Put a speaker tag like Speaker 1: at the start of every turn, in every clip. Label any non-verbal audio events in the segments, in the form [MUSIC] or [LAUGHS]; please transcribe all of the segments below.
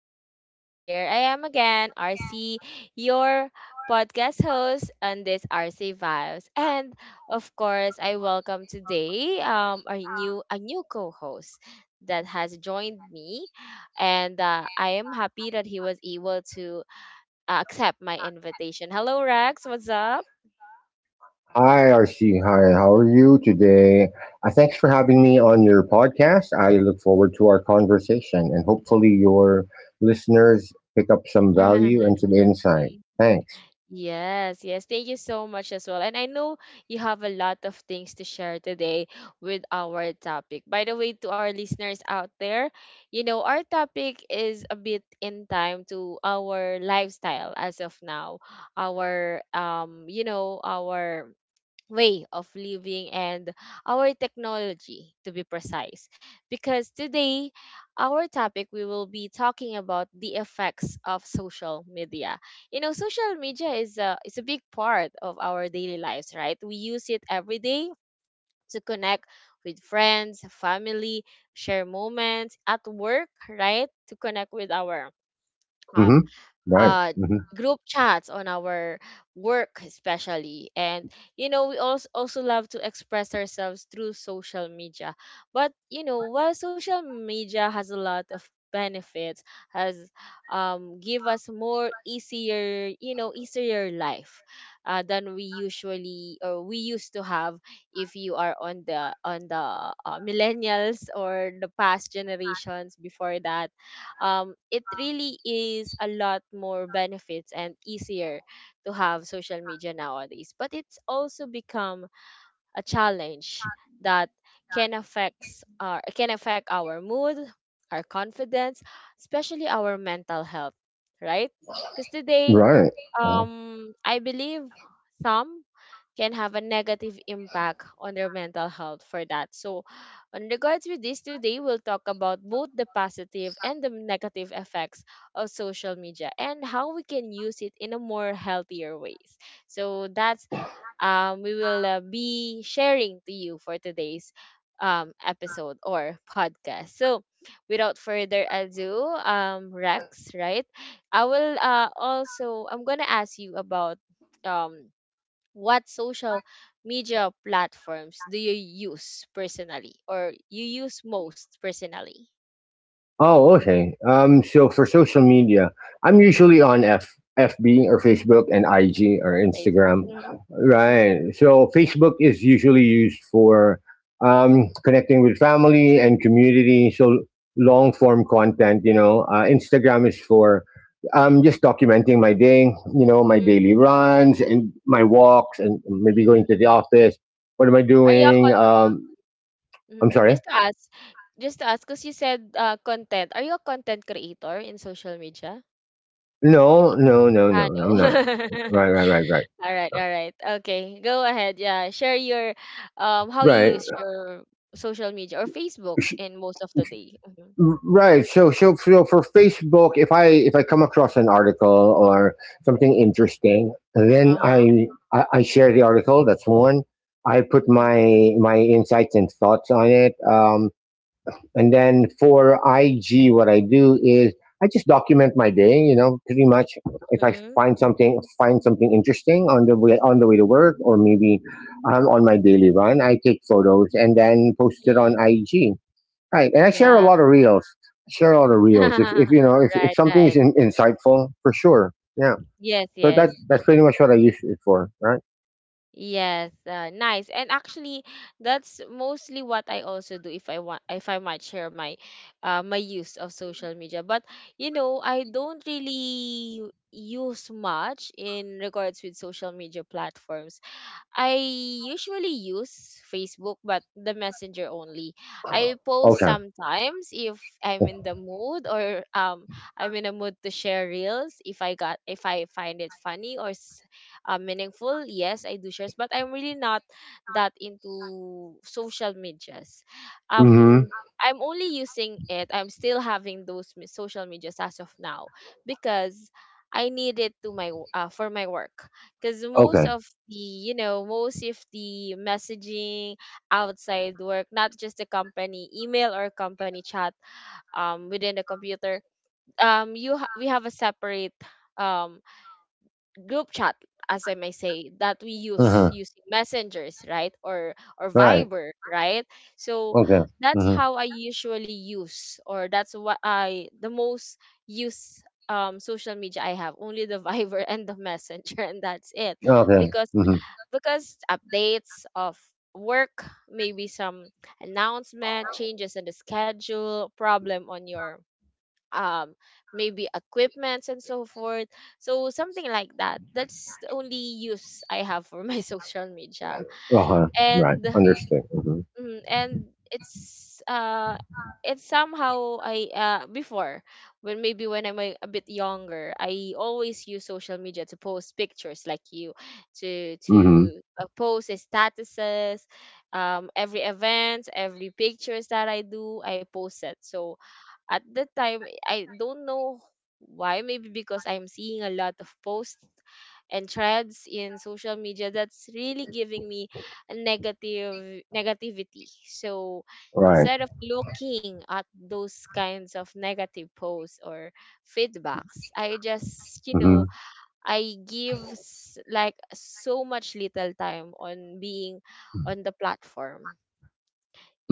Speaker 1: podcast. And here I am again, RC, your podcast host on this RC Vibes. And of course, I welcome today our new a new co-host that has joined me, and I am happy that he was able to accept my invitation. Hello, Rex. What's up?
Speaker 2: Hi, RC. Hi, how are you today? Thanks for having me on your podcast. I look forward to our conversation and hopefully your listeners pick up some value and
Speaker 1: [LAUGHS]
Speaker 2: some insight. Thanks.
Speaker 1: Yes, yes. Thank you so much as well. And I know you have a lot of things to share today with our topic. By the way, to our listeners out there, you know, our topic is a bit in time to our lifestyle as of now. Our you know, our way of living and our technology to be precise, because today our topic, we will be talking about the effects of social media. You know, social media is a big part of our daily lives, right? We use it every day to connect with friends, family, share moments at work, right, to connect with our
Speaker 2: Mm-hmm.
Speaker 1: um
Speaker 2: Right.
Speaker 1: uh group chats on our work especially. And you know, we also love to express ourselves through social media. But you know, while social media has a lot of benefits, has give us more easier, you know, easier life than we usually or we used to have, if you are on the millennials or the past generations before that, it really is a lot more benefits and easier to have social media nowadays. But it's also become a challenge that can affect our mood, our confidence, especially our mental health, right? Because today,
Speaker 2: Right.
Speaker 1: I believe some can have a negative impact on their mental health for that. So, in regards with this, today we'll talk about both the positive and the negative effects of social media and how we can use it in a more healthier ways. So that's we will be sharing to you for today's episode or podcast. So without further ado, Rex, right? I will also, I'm gonna ask you about um what social media platforms do you use personally or you use most personally?
Speaker 2: Oh, okay. So for social media, I'm usually on F FB or Facebook and IG or
Speaker 1: Facebook.
Speaker 2: Instagram.
Speaker 1: Mm-hmm. Mm-hmm.
Speaker 2: Right. So Facebook is usually used for connecting with family and community. So long form content, Instagram is for just documenting my day, you know, my
Speaker 1: Mm-hmm.
Speaker 2: daily runs and my walks and maybe going to the office. What am I
Speaker 1: Are you a
Speaker 2: doing?
Speaker 1: con-
Speaker 2: I'm
Speaker 1: Mhm.
Speaker 2: sorry.
Speaker 1: Just to ask, just to ask, because you said content. Are you a content creator in social media?
Speaker 2: No, no, no,
Speaker 1: Ah,
Speaker 2: no.
Speaker 1: no.
Speaker 2: I'm not.
Speaker 1: [LAUGHS]
Speaker 2: Right, right, right, right.
Speaker 1: All right, all right. Okay, go ahead. Yeah, share your how you
Speaker 2: Right.
Speaker 1: use your social media or Facebook
Speaker 2: Sh-
Speaker 1: in most of the day. Mm-hmm.
Speaker 2: Right. So for Facebook, if I come across an article or something interesting,
Speaker 1: Uh
Speaker 2: then
Speaker 1: huh.
Speaker 2: I share the article. That's one. I put
Speaker 1: Mm-hmm.
Speaker 2: my insights and thoughts on it. And then for IG, what I do is I just document my day. You know, pretty much if I find something interesting on the way to work or maybe on my daily run, I take photos and then post it on
Speaker 1: Mm-hmm.
Speaker 2: IG. Right, and I share a
Speaker 1: Yeah.
Speaker 2: lot of reels. I share a lot of reels. If you
Speaker 1: [LAUGHS]
Speaker 2: know if
Speaker 1: Right,
Speaker 2: something
Speaker 1: right.
Speaker 2: is insightful, for sure. Yeah.
Speaker 1: Yes,
Speaker 2: So that
Speaker 1: yes.
Speaker 2: that's pretty much what I use it for. Right.
Speaker 1: Yes, nice. And actually, that's mostly what I also do. If I want, if I might share my my use of social media. But you know, I don't really use much in regards with social media platforms. I usually use Facebook, but the Messenger only. I post
Speaker 2: Okay.
Speaker 1: sometimes if I'm in the mood, or I'm in a mood to share reels. If I got, if I find it funny or meaningful, yes, I do shares. But I'm really not that into social medias.
Speaker 2: Mm-hmm.
Speaker 1: Um. I'm only using it. I'm still having social medias as of now because I need it to for my work because most
Speaker 2: Okay.
Speaker 1: of the you know most of the messaging outside work, not just the company email or company chat within the computer, we have a separate um group chat, as I may say, that we
Speaker 2: Uh
Speaker 1: use
Speaker 2: huh.
Speaker 1: using messengers, right, or
Speaker 2: Right.
Speaker 1: Viber, right? So
Speaker 2: Okay.
Speaker 1: that's
Speaker 2: Mm-hmm.
Speaker 1: how I usually use, or that's what I the most use social media. I have only the [LAUGHS] Viber and the messenger, and that's it
Speaker 2: Okay.
Speaker 1: because
Speaker 2: Mm-hmm.
Speaker 1: updates of work, maybe some announcement, changes in the schedule, problem on your um maybe equipments and so forth. So something like that. That's the only use I have for my [LAUGHS] social media.
Speaker 2: Uh-huh. Right.
Speaker 1: And
Speaker 2: Understood.
Speaker 1: mm, and it's uh it's somehow, I before, when maybe when I'm a bit younger, I always use social media to post pictures like you, to to
Speaker 2: Hmm
Speaker 1: uh, post statuses, every event, every pictures that I do, I post it. So at that time, I don't know why, maybe because I'm seeing a lot of posts and threads in social media that's really giving me a negative negativity. So
Speaker 2: Right.
Speaker 1: instead of looking at those kinds of negative posts or feedbacks, I just you know
Speaker 2: hmm
Speaker 1: I give like so much little time on being on the platform.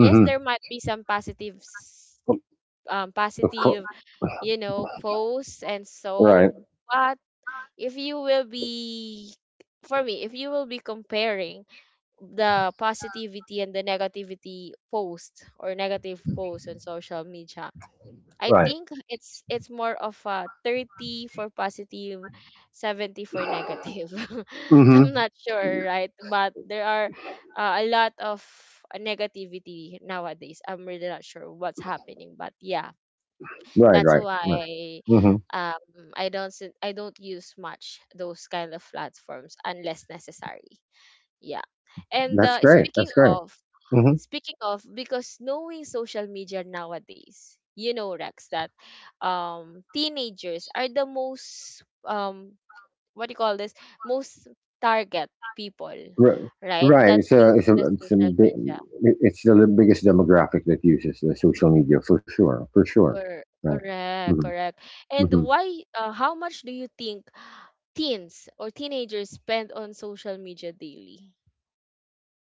Speaker 1: Yes, there might be some
Speaker 2: Of course.
Speaker 1: positive, you know, posts and so.
Speaker 2: Right.
Speaker 1: But if you will be, for me, if you will be comparing the positivity and the negativity post or negative post on social media, I
Speaker 2: Right.
Speaker 1: think it's more of a 30 for positive, 70 for negative. [LAUGHS] I'm
Speaker 2: hmm
Speaker 1: not sure, right? But there are a lot of negativity nowadays. I'm really not sure what's happening, but yeah,
Speaker 2: Right.
Speaker 1: that's
Speaker 2: Right. Right.
Speaker 1: why
Speaker 2: hmm
Speaker 1: I don't use much those kind of platforms unless necessary. Yeah. And
Speaker 2: That's great. That's great. hmm
Speaker 1: speaking of, because knowing social media nowadays, you know, Rex, that teenagers are the most what do you call this? Most target people, right,
Speaker 2: Right.
Speaker 1: that
Speaker 2: It's a,
Speaker 1: use
Speaker 2: it's a,
Speaker 1: the
Speaker 2: it's a
Speaker 1: social
Speaker 2: big,
Speaker 1: media.
Speaker 2: it's the biggest demographic that uses the social media for sure. For sure. Right.
Speaker 1: Correct,
Speaker 2: hmm
Speaker 1: correct. And
Speaker 2: hmm
Speaker 1: how much do you think teens or teenagers spend on social media daily?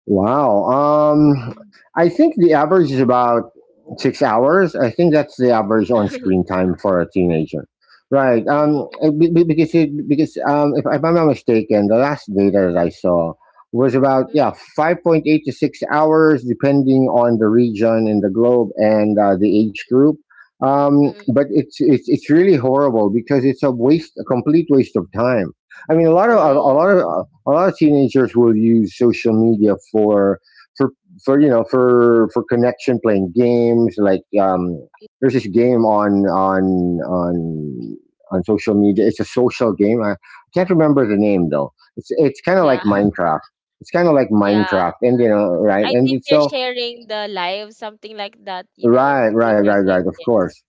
Speaker 2: Wow.
Speaker 1: Mm.
Speaker 2: I think the average is about 6 hours. I think that's the average on
Speaker 1: [LAUGHS]
Speaker 2: screen time for a teenager. Right.
Speaker 1: Mm,
Speaker 2: Because if I'm not mistaken, the last data that I saw was about
Speaker 1: mm,
Speaker 2: yeah 5.8 to 6 hours, depending on the region in the globe and the age group. Um,
Speaker 1: mm,
Speaker 2: but it's really horrible because it's a waste, a complete waste of time. I mean,
Speaker 1: true.
Speaker 2: a lot of teenagers will use social media for for you know for connection playing games like there's this game on on social media. It's a social game. I can't remember the name though. It's kind of like
Speaker 1: Yeah, [LAUGHS]
Speaker 2: Minecraft, it's kind of like
Speaker 1: yeah.
Speaker 2: Minecraft, and you know, right,
Speaker 1: I
Speaker 2: and
Speaker 1: think
Speaker 2: it's
Speaker 1: they're
Speaker 2: so
Speaker 1: sharing the live, something like that, you know,
Speaker 2: right,
Speaker 1: through
Speaker 2: right,
Speaker 1: their
Speaker 2: right, right,
Speaker 1: games.
Speaker 2: of course.
Speaker 1: Yes.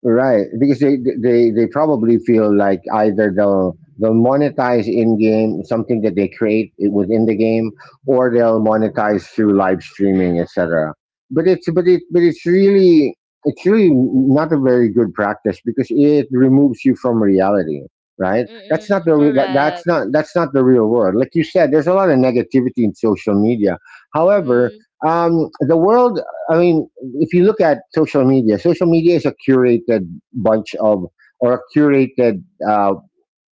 Speaker 2: Right, because they probably feel like either they'll monetize in game something that they create within the game, or they'll monetize through live streaming, etc. But it's really not a very good practice because it removes you from reality. Right,
Speaker 1: Mm-mm, correct.
Speaker 2: that's not, that's not the real world. Like you said, there's a lot of negativity in social media. However,
Speaker 1: Mm-mm,
Speaker 2: the world I mean, if you look at social media is a curated bunch of or a curated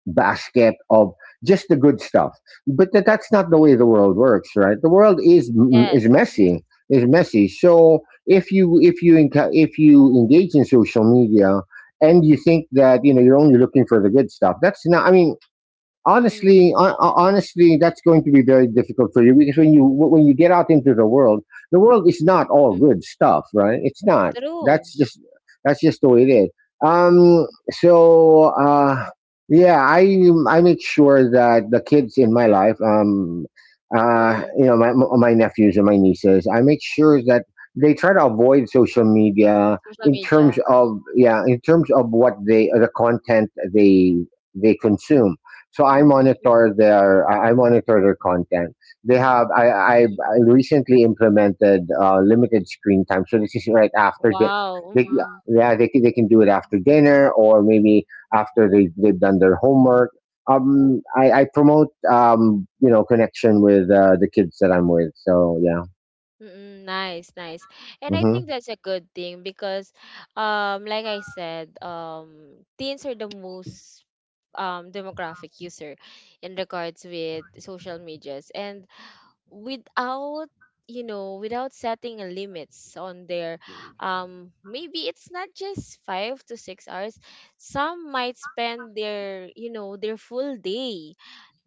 Speaker 2: basket of just the good stuff. But that's not the way the
Speaker 1: mm-mm,
Speaker 2: world works, right? The world is is
Speaker 1: yes.
Speaker 2: messy, is messy. So if you engage in social media and you think that you know you're only looking for the good stuff, that's not. I mean,
Speaker 1: Mm-mm,
Speaker 2: honestly, that's going to be very difficult for you because when you get out into the world is not all
Speaker 1: mm,
Speaker 2: good stuff, right? It's not.
Speaker 1: true.
Speaker 2: That's just the way it is. So yeah, I make sure that the kids in my life,
Speaker 1: Mm-mm,
Speaker 2: you know, my nephews and my nieces, I make sure
Speaker 1: mm,
Speaker 2: that they try to avoid social media
Speaker 1: social
Speaker 2: in terms
Speaker 1: media.
Speaker 2: of, yeah, in terms of what they the content they consume. So I monitor their, I monitor their content. They have
Speaker 1: Mm-mm.
Speaker 2: I recently implemented limited screen time, so this is right after
Speaker 1: Wow.
Speaker 2: they,
Speaker 1: Mm-mm.
Speaker 2: yeah, they can do it after dinner or maybe after they've done their homework. I promote you know connection with the kids that I'm with. So yeah,
Speaker 1: Mm, nice, nice. And I think
Speaker 2: hmm
Speaker 1: that's a good thing because like I said, teens are the most demographic user in regards with social medias. And without, you know, without setting a limits on their, maybe it's not just 5 to 6 hours, some might spend their, you know, their full day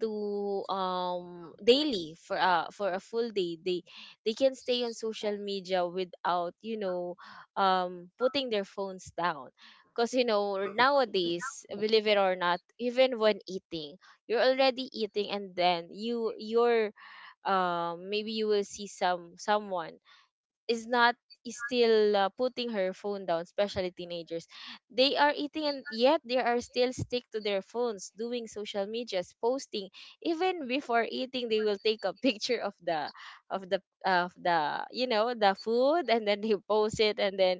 Speaker 1: to daily for a full day. They can stay on social media without, you know, putting their phones down. Because you know, nowadays, believe it or not, even when eating, you're already eating, and then you're maybe you will see someone is not, is still putting her phone down, especially teenagers. They are eating and yet they are still stick to their phones, doing social medias, posting. Even before eating, they will take a [LAUGHS] picture of the of the of the you know the food, and then they post it, and then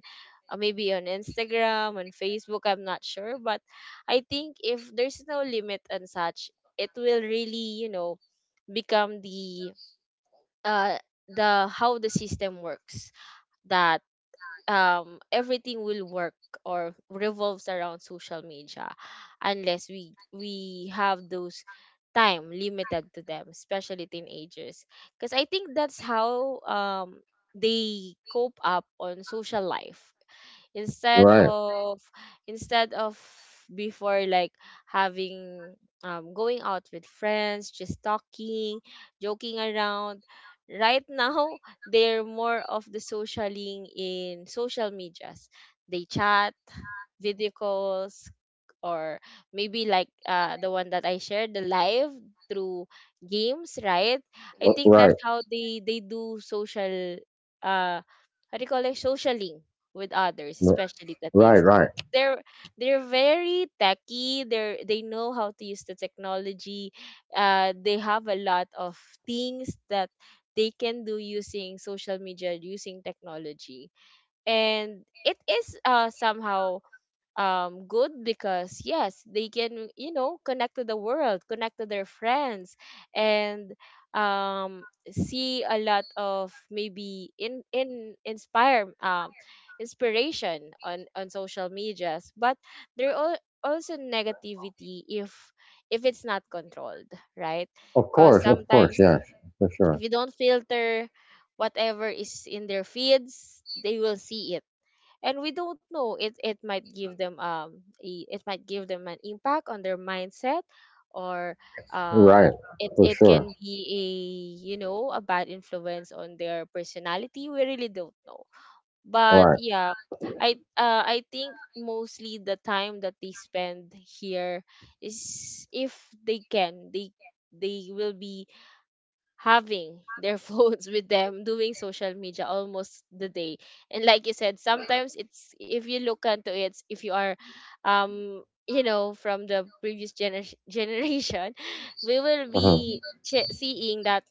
Speaker 1: maybe on Instagram, on Facebook. I'm not sure, but I think if there's no limit and such, it will really, you know, become uh the how the system works, that everything will work or revolves around social media, unless we have those time limited to them, especially teenagers. Because I think that's how they cope up on social life instead
Speaker 2: right,
Speaker 1: of, instead of before, like, having going out with friends, just talking, joking around. Right now [LAUGHS] they're more of the socialing in social medias. They chat, video calls, or maybe like the one that I shared, the live through games, right? I think that's
Speaker 2: right,
Speaker 1: how they do social, uh how do you call it, socialing with others,
Speaker 2: right,
Speaker 1: especially the
Speaker 2: right.
Speaker 1: teens.
Speaker 2: Right.
Speaker 1: They're they're very techy. They know how to use the technology. They have a lot of things that they can do using social media, using technology, and it is somehow good, because yes, they can, you know, connect to the world, connect to their friends, and um see a lot of maybe in inspire inspiration on social medias. But there are also negativity if it's not controlled, right? Because
Speaker 2: Of
Speaker 1: sometimes
Speaker 2: course, yes, for
Speaker 1: if
Speaker 2: sure,
Speaker 1: you don't filter whatever is in their feeds, they will see it, and we don't know, it might give them it might give them an impact on their mindset, or um
Speaker 2: right,
Speaker 1: it
Speaker 2: for
Speaker 1: it
Speaker 2: sure.
Speaker 1: can be, a you know, a bad influence on their personality. We really don't know,
Speaker 2: All
Speaker 1: but
Speaker 2: right.
Speaker 1: yeah, I think mostly the time that they spend here is, if they can, they will be having their [LAUGHS] phones with them, doing social media almost the day. And like you said, sometimes it's, if you look into it, if you are, you know, from the previous [LAUGHS] generation, we will
Speaker 2: hmm
Speaker 1: be seeing that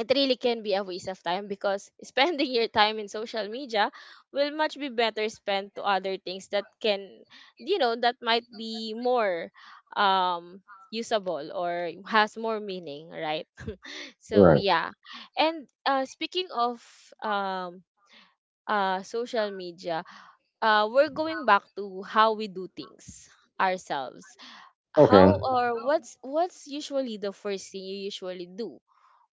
Speaker 1: it really can be a waste of time because [LAUGHS] spending your time in social media will much be better spent to other things that can, you know, that might be more um usable or has more meaning, right? So
Speaker 2: Right.
Speaker 1: yeah. And speaking of um social media, we're going back to how we do things ourselves.
Speaker 2: Okay.
Speaker 1: How, or what's usually the first thing you usually do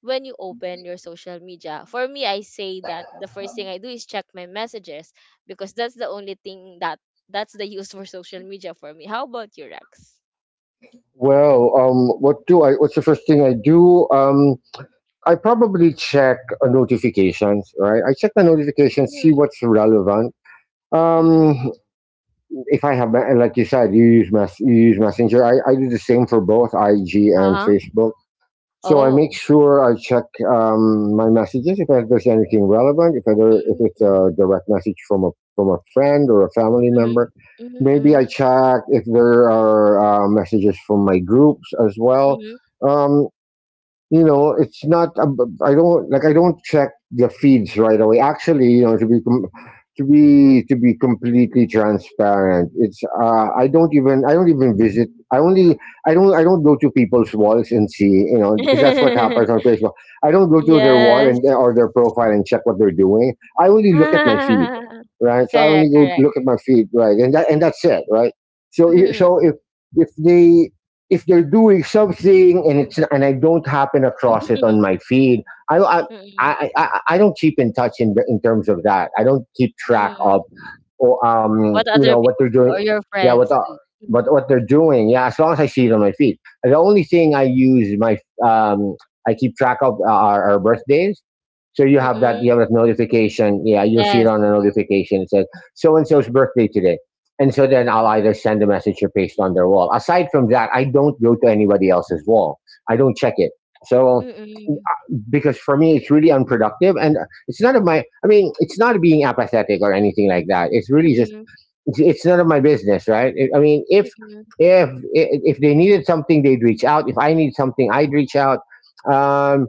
Speaker 1: when you open your social media? For me, I say that the first thing I do is check my messages because that's the only thing that that's the use for social media for me. How about you, Rex?
Speaker 2: Well, what do I? What's the first thing I do? I probably check notifications. Right. I check the notifications, see
Speaker 1: Mm,
Speaker 2: what's relevant.
Speaker 1: mm,
Speaker 2: Um,
Speaker 1: mm.
Speaker 2: if I have, like you said, you use you use Messenger. I do the same for both IG and
Speaker 1: Uh-huh.
Speaker 2: Facebook. So I make
Speaker 1: Oh.
Speaker 2: sure I check my messages if there's anything relevant. If it's
Speaker 1: Mm-hmm.
Speaker 2: a direct message from a friend or a family member, maybe I
Speaker 1: Mm-hmm.
Speaker 2: check if there are messages from my groups as well.
Speaker 1: Mm-hmm.
Speaker 2: Um, you know, it's not. Ab- I don't like. I don't check the feeds right away. Actually, you know, to be completely transparent, it's. I don't even. I don't even visit. I only. I don't. I don't go to people's walls and see. You know, because that's what happens on
Speaker 1: [LAUGHS]
Speaker 2: Facebook. I don't go to their wall
Speaker 1: Yes.
Speaker 2: and or their profile and check what they're doing. I only look at my feed,
Speaker 1: Ah,
Speaker 2: right? So I
Speaker 1: correct,
Speaker 2: only go
Speaker 1: correct.
Speaker 2: look at my feed, right? And that's it, right? So
Speaker 1: Mhm.
Speaker 2: if they if they're doing something and it's and I don't happen across it on
Speaker 1: [LAUGHS]
Speaker 2: my feed, I I
Speaker 1: Mm,
Speaker 2: I don't keep in touch in terms of that. I don't keep track
Speaker 1: mm.
Speaker 2: of or
Speaker 1: What
Speaker 2: you
Speaker 1: other
Speaker 2: know
Speaker 1: people
Speaker 2: what they're
Speaker 1: do
Speaker 2: doing.
Speaker 1: or your
Speaker 2: Yeah, what
Speaker 1: friends
Speaker 2: the
Speaker 1: do? Mm.
Speaker 2: what they're doing. Yeah, as long as I see it on my feed. And the only thing I use my um, I keep track of are birthdays. So
Speaker 1: Mm-mm.
Speaker 2: you have that notification. Yeah, you'll see it
Speaker 1: Yes.
Speaker 2: on a notification. It says so and so's birthday today. And so then I'll
Speaker 1: Mm-mm.
Speaker 2: either send a message or paste on their wall. Aside from that, I don't go to anybody else's wall. I don't check it. So
Speaker 1: Mm-mm.
Speaker 2: because for me it's really unproductive and it's none of my, I mean, it's not being apathetic or anything like that. It's really just
Speaker 1: Mm-mm.
Speaker 2: it's none of my business, right? I mean,
Speaker 1: Mm-mm.
Speaker 2: if they needed something, they'd reach out. If I need something, I'd reach out. Um,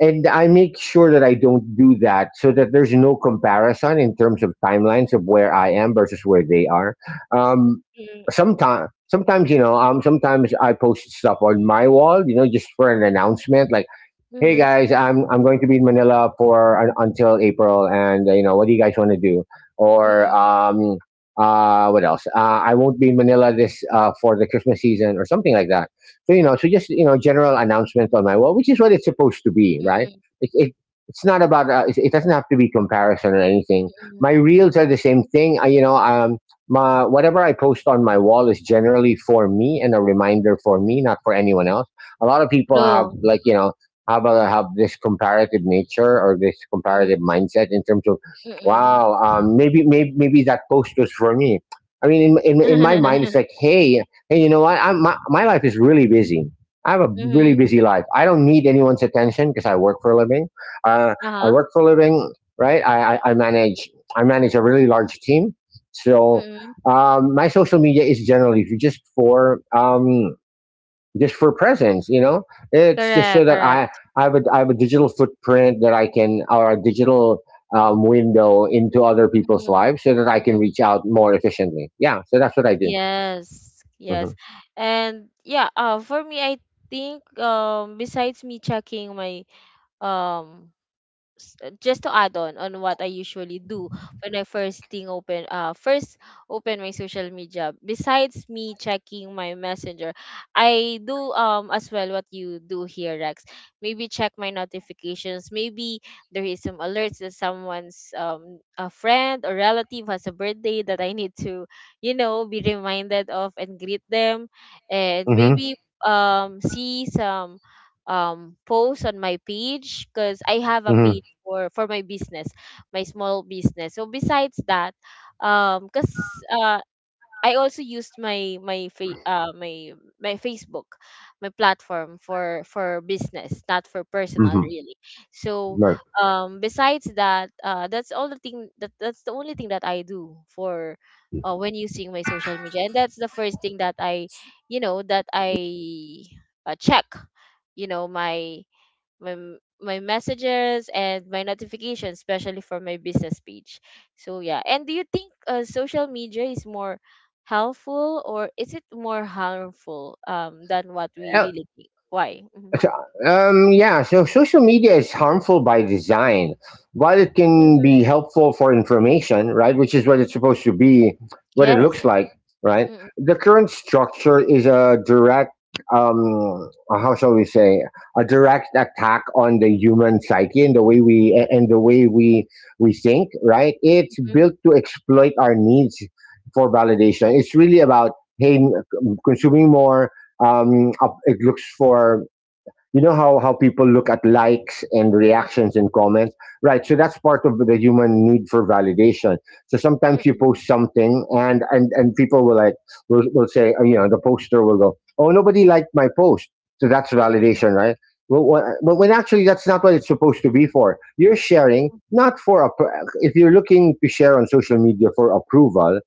Speaker 2: and I make sure that I don't do that so that there's no comparison in terms of timelines of where I am versus where they are. Um,
Speaker 1: Mm-mm.
Speaker 2: Sometimes sometimes I post stuff on my wall, you know, just for an announcement, like hey
Speaker 1: Mhm.
Speaker 2: guys, I'm going to be in Manila for until April, and you know, what do you guys want to do? Or
Speaker 1: Mm-mm.
Speaker 2: what else? I won't be in Manila this for the Christmas season, or something like that. So you know, so just you know, general announcement on my wall, which is what it's supposed to be, right?
Speaker 1: Mm-mm.
Speaker 2: It, it it's not about it doesn't have to be comparison or anything.
Speaker 1: Mm-mm.
Speaker 2: My reels are the same thing. My whatever I post on my wall is generally for me and a reminder for me, not for anyone else. A lot of people have,
Speaker 1: True.
Speaker 2: like, you know how about I have this comparative nature or this comparative
Speaker 1: Mm-mm.
Speaker 2: mindset in terms of,
Speaker 1: Mm-mm.
Speaker 2: wow, maybe that post was for me. I mean, in my mind, it's
Speaker 1: [LAUGHS]
Speaker 2: like, hey, you know what? My my life is really busy. I have a really busy
Speaker 1: Mhm.
Speaker 2: life. I don't need anyone's attention because I work for a living. Uh, I
Speaker 1: Uh-huh.
Speaker 2: work for a living, right? I manage, I manage a really large team, so
Speaker 1: Mm-mm.
Speaker 2: my social media is generally just for presence, you know, it's just so
Speaker 1: Correct,
Speaker 2: that
Speaker 1: correct.
Speaker 2: I have I have a digital footprint that I can or a digital window into other people's lives so that I can
Speaker 1: Mm-mm.
Speaker 2: reach out more efficiently. Yeah, so that's what I do.
Speaker 1: Yes, yes.
Speaker 2: hmm
Speaker 1: And yeah, for me I think besides me checking my um just to add on what I usually do when I first open my social media besides me checking my messenger, I do as well what you do here, Rex. Maybe check my notifications. Maybe there is some alerts that someone's, a friend or relative, has a birthday that I need to, you know, be reminded of and greet them. And
Speaker 2: hmm
Speaker 1: maybe see some post on my page because I have a
Speaker 2: hmm
Speaker 1: page for my business, my small business. So besides that, because I also used my my my Facebook, my platform for business, not for personal
Speaker 2: hmm
Speaker 1: really. So
Speaker 2: right.
Speaker 1: besides that, that's the only thing that I do for, when using my social media, and that's the first thing that I, you know, that I check, you know, my my messages and my notifications, especially for my business page. So yeah, and do you think social media is more helpful or is it more harmful than what we really think? Why? Mhm.
Speaker 2: So, yeah, so social media is harmful by design. While it can
Speaker 1: Mm,
Speaker 2: be helpful for information, right, which is what it's supposed to be, what it
Speaker 1: yes.
Speaker 2: looks like, right,
Speaker 1: Mm,
Speaker 2: the current structure is a direct, how shall we say, a direct attack on the human psyche and the way we think, right? It's
Speaker 1: mm,
Speaker 2: built to exploit our needs for validation. It's really about hey, m- consuming more. It looks for you know how people look at likes and
Speaker 1: mm,
Speaker 2: reactions and comments, right, so that's part of the human need for validation. So sometimes you
Speaker 1: mm,
Speaker 2: post something and and people will like, will say you know, the poster will go, "Oh, nobody liked my post," so that's
Speaker 1: mm, mm, mm,
Speaker 2: validation, right? Well, when, but when actually that's not what it's supposed to be for. You're sharing
Speaker 1: mm,
Speaker 2: not for a, if you're looking to share on social media for approval,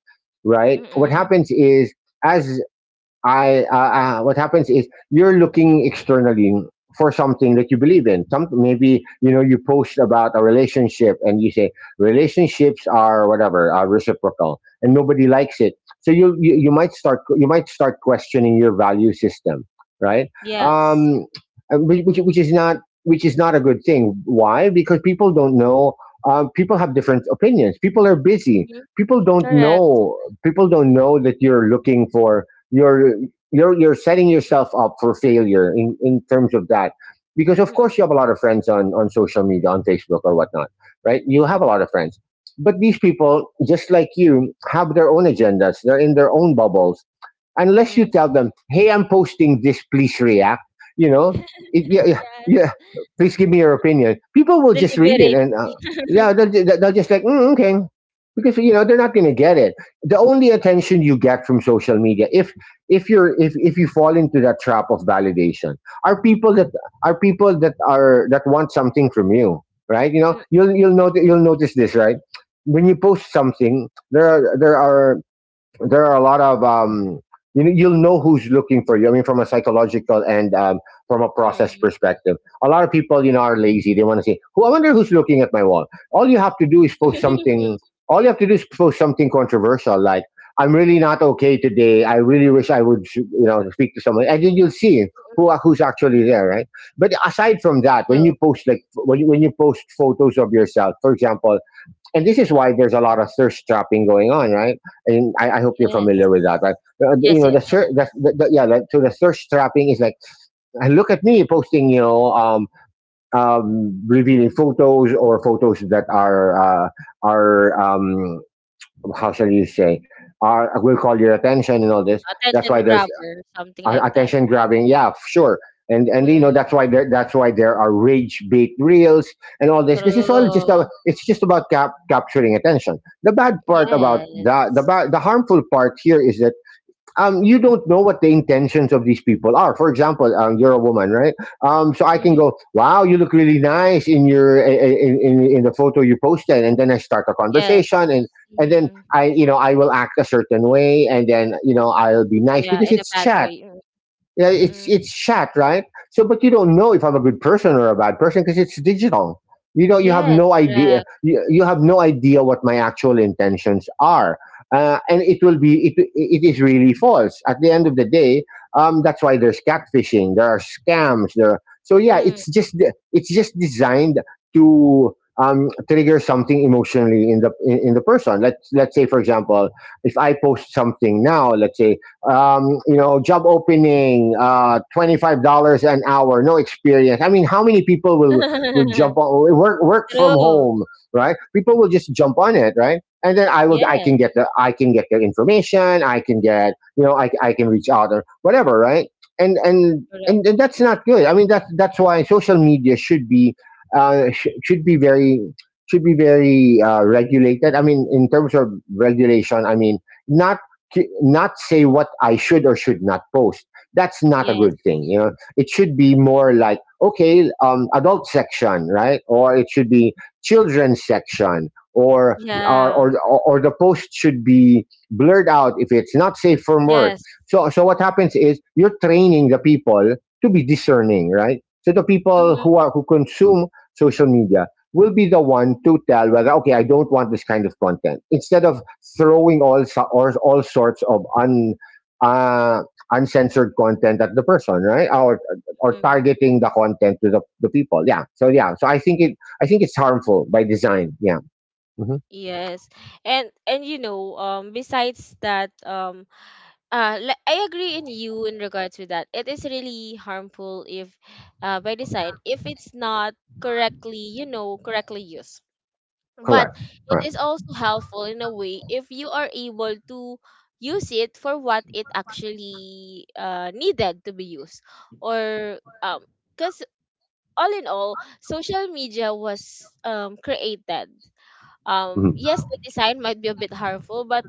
Speaker 2: right,
Speaker 1: mm,
Speaker 2: what
Speaker 1: mm,
Speaker 2: happens is, as I what happens is you're looking externally for something that you believe in. Some, maybe you know, you post about a relationship and you say relationships are whatever, are reciprocal, and nobody likes it. So
Speaker 1: mm.
Speaker 2: you might start, you might start questioning your value system, right?
Speaker 1: Yes.
Speaker 2: Um, and which is not, which is not a good thing. Why? Because people don't know. People have different opinions. People are busy.
Speaker 1: Mhm.
Speaker 2: People don't
Speaker 1: Correct.
Speaker 2: know. People don't know that you're looking for, you're, you're setting yourself up for failure in terms of that, because of
Speaker 1: Mm-mm,
Speaker 2: course you have a lot of friends on social media, on Facebook or whatnot, right? You have a
Speaker 1: mm-mm,
Speaker 2: lot of friends, but these people, just like you, have their own agendas. They're in their own bubbles,
Speaker 1: mm,
Speaker 2: unless
Speaker 1: mm,
Speaker 2: you
Speaker 1: mm.
Speaker 2: tell them, "Hey, I'm posting this. Please react." You know, it, yeah,
Speaker 1: [LAUGHS]
Speaker 2: yeah,
Speaker 1: Yes.
Speaker 2: yeah. Please
Speaker 1: [LAUGHS]
Speaker 2: give me your opinion. People will just read it,
Speaker 1: Deliberately.
Speaker 2: and
Speaker 1: [LAUGHS]
Speaker 2: yeah, they'll just like, mm, "Okay," because you know they're not going to get it. The only attention you get from social media, if you're, if you fall into that trap of validation, are people that, are people that are, that want something from you, right? You know, you'll notice, you'll notice this, right? When you post something, there are there are a lot of you know, you'll know who's looking for you. I mean, from a psychological and from a process
Speaker 1: Mm,
Speaker 2: perspective, a lot of people, you know, are lazy. They want to say, "Who? I wonder who's looking at my wall." All you have to do is
Speaker 1: mm,
Speaker 2: post
Speaker 1: mm.
Speaker 2: something.
Speaker 1: [LAUGHS]
Speaker 2: All you have to do is post something controversial, like, "I'm really not okay today. I really wish I would, you know, speak to someone," and then you'll see who, who's actually there, right? But aside from that, when you
Speaker 1: True.
Speaker 2: post, like when when you post photos of yourself, for example, and this is why there's a lot of thirst trapping going on, right? And I hope you're
Speaker 1: Yes.
Speaker 2: familiar with that, right? You
Speaker 1: Yes,
Speaker 2: know,
Speaker 1: yes,
Speaker 2: the,
Speaker 1: of
Speaker 2: ser-
Speaker 1: course.
Speaker 2: the yeah, like, so the thirst trapping is like, "Ah, look at me posting, you know, revealing photos, or photos that uh, are how shall you say, are, will call your attention," and all this. That's
Speaker 1: Attention
Speaker 2: why there's
Speaker 1: grabber, something like that.
Speaker 2: attention grabbing. Yeah, sure. And you
Speaker 1: Mm,
Speaker 2: know, that's why there, that's why there are rage bait reels and all this, because it's all just
Speaker 1: true.
Speaker 2: a, it's just about capturing attention. The bad part about that, the
Speaker 1: Yes.
Speaker 2: the harmful part here is that um, you don't know what the intentions of these people are. For example, you're a woman, right? So I can
Speaker 1: Mm,
Speaker 2: go, "Wow, you look really nice in your, in the photo you posted," and then I start a
Speaker 1: yes.
Speaker 2: conversation and. And then
Speaker 1: Mm,
Speaker 2: I, you know, I will act a certain way, and then you know I'll be nice
Speaker 1: yeah,
Speaker 2: because
Speaker 1: in a
Speaker 2: it's
Speaker 1: bad
Speaker 2: chat.
Speaker 1: way. Mm,
Speaker 2: Yeah, it's
Speaker 1: mm.
Speaker 2: it's chat, right? So, but you don't know if I'm a good person or a bad person because it's digital. You know, you have
Speaker 1: Yes,
Speaker 2: no idea.
Speaker 1: correct.
Speaker 2: You have no idea what my actual intentions are, and it will be, it is really false at the end of the day. That's why there's catfishing. There are scams. There. Are, so yeah,
Speaker 1: Mm.
Speaker 2: it's just it's just designed to trigger something emotionally in the, in the person. Let's say, for example, if I post something now, let's say you know, job opening, $25 an hour, no experience. I mean, how many people will jump
Speaker 1: [LAUGHS]
Speaker 2: on, work from
Speaker 1: True.
Speaker 2: home, right? People will just jump on it, right? And then I will,
Speaker 1: Yes,
Speaker 2: I can get their information, I can get, you know, I can reach out or whatever, right?
Speaker 1: correct.
Speaker 2: And that's not good. I mean, that's why social media should be should be very, should be very regulated. I mean, in terms of regulation, I mean not, not say what I should or should not post. That's not a
Speaker 1: Yes.
Speaker 2: good thing. You know, it should be more like, okay, adult section, right? Or it should be children's section, or or
Speaker 1: Yeah.
Speaker 2: or, or the post should be blurred out if it's not safe for work.
Speaker 1: Yes.
Speaker 2: So, so what happens is you're training the people to be discerning, right? So the people
Speaker 1: Mhm,
Speaker 2: who are, who consume social media will be the one to tell whether, okay, I don't want this kind of content, instead of throwing all so- or all sorts of un uh, uncensored content at the person, right, or
Speaker 1: mhm,
Speaker 2: targeting the content to the people. Yeah, so yeah, so
Speaker 1: mhm.
Speaker 2: I think it's harmful by design. Yeah. Hmm.
Speaker 1: Yes. And you know, besides that, um, I agree in you in regards to that. It is really harmful if, by design, if it's not correctly, you know, correctly used. But
Speaker 2: Correct.
Speaker 1: it
Speaker 2: Correct.
Speaker 1: is also helpful in a way if you are able to use it for what it actually, needed to be used, or because all in all, social media was created. Yes,
Speaker 2: Mhm.
Speaker 1: the design might be a bit harmful, but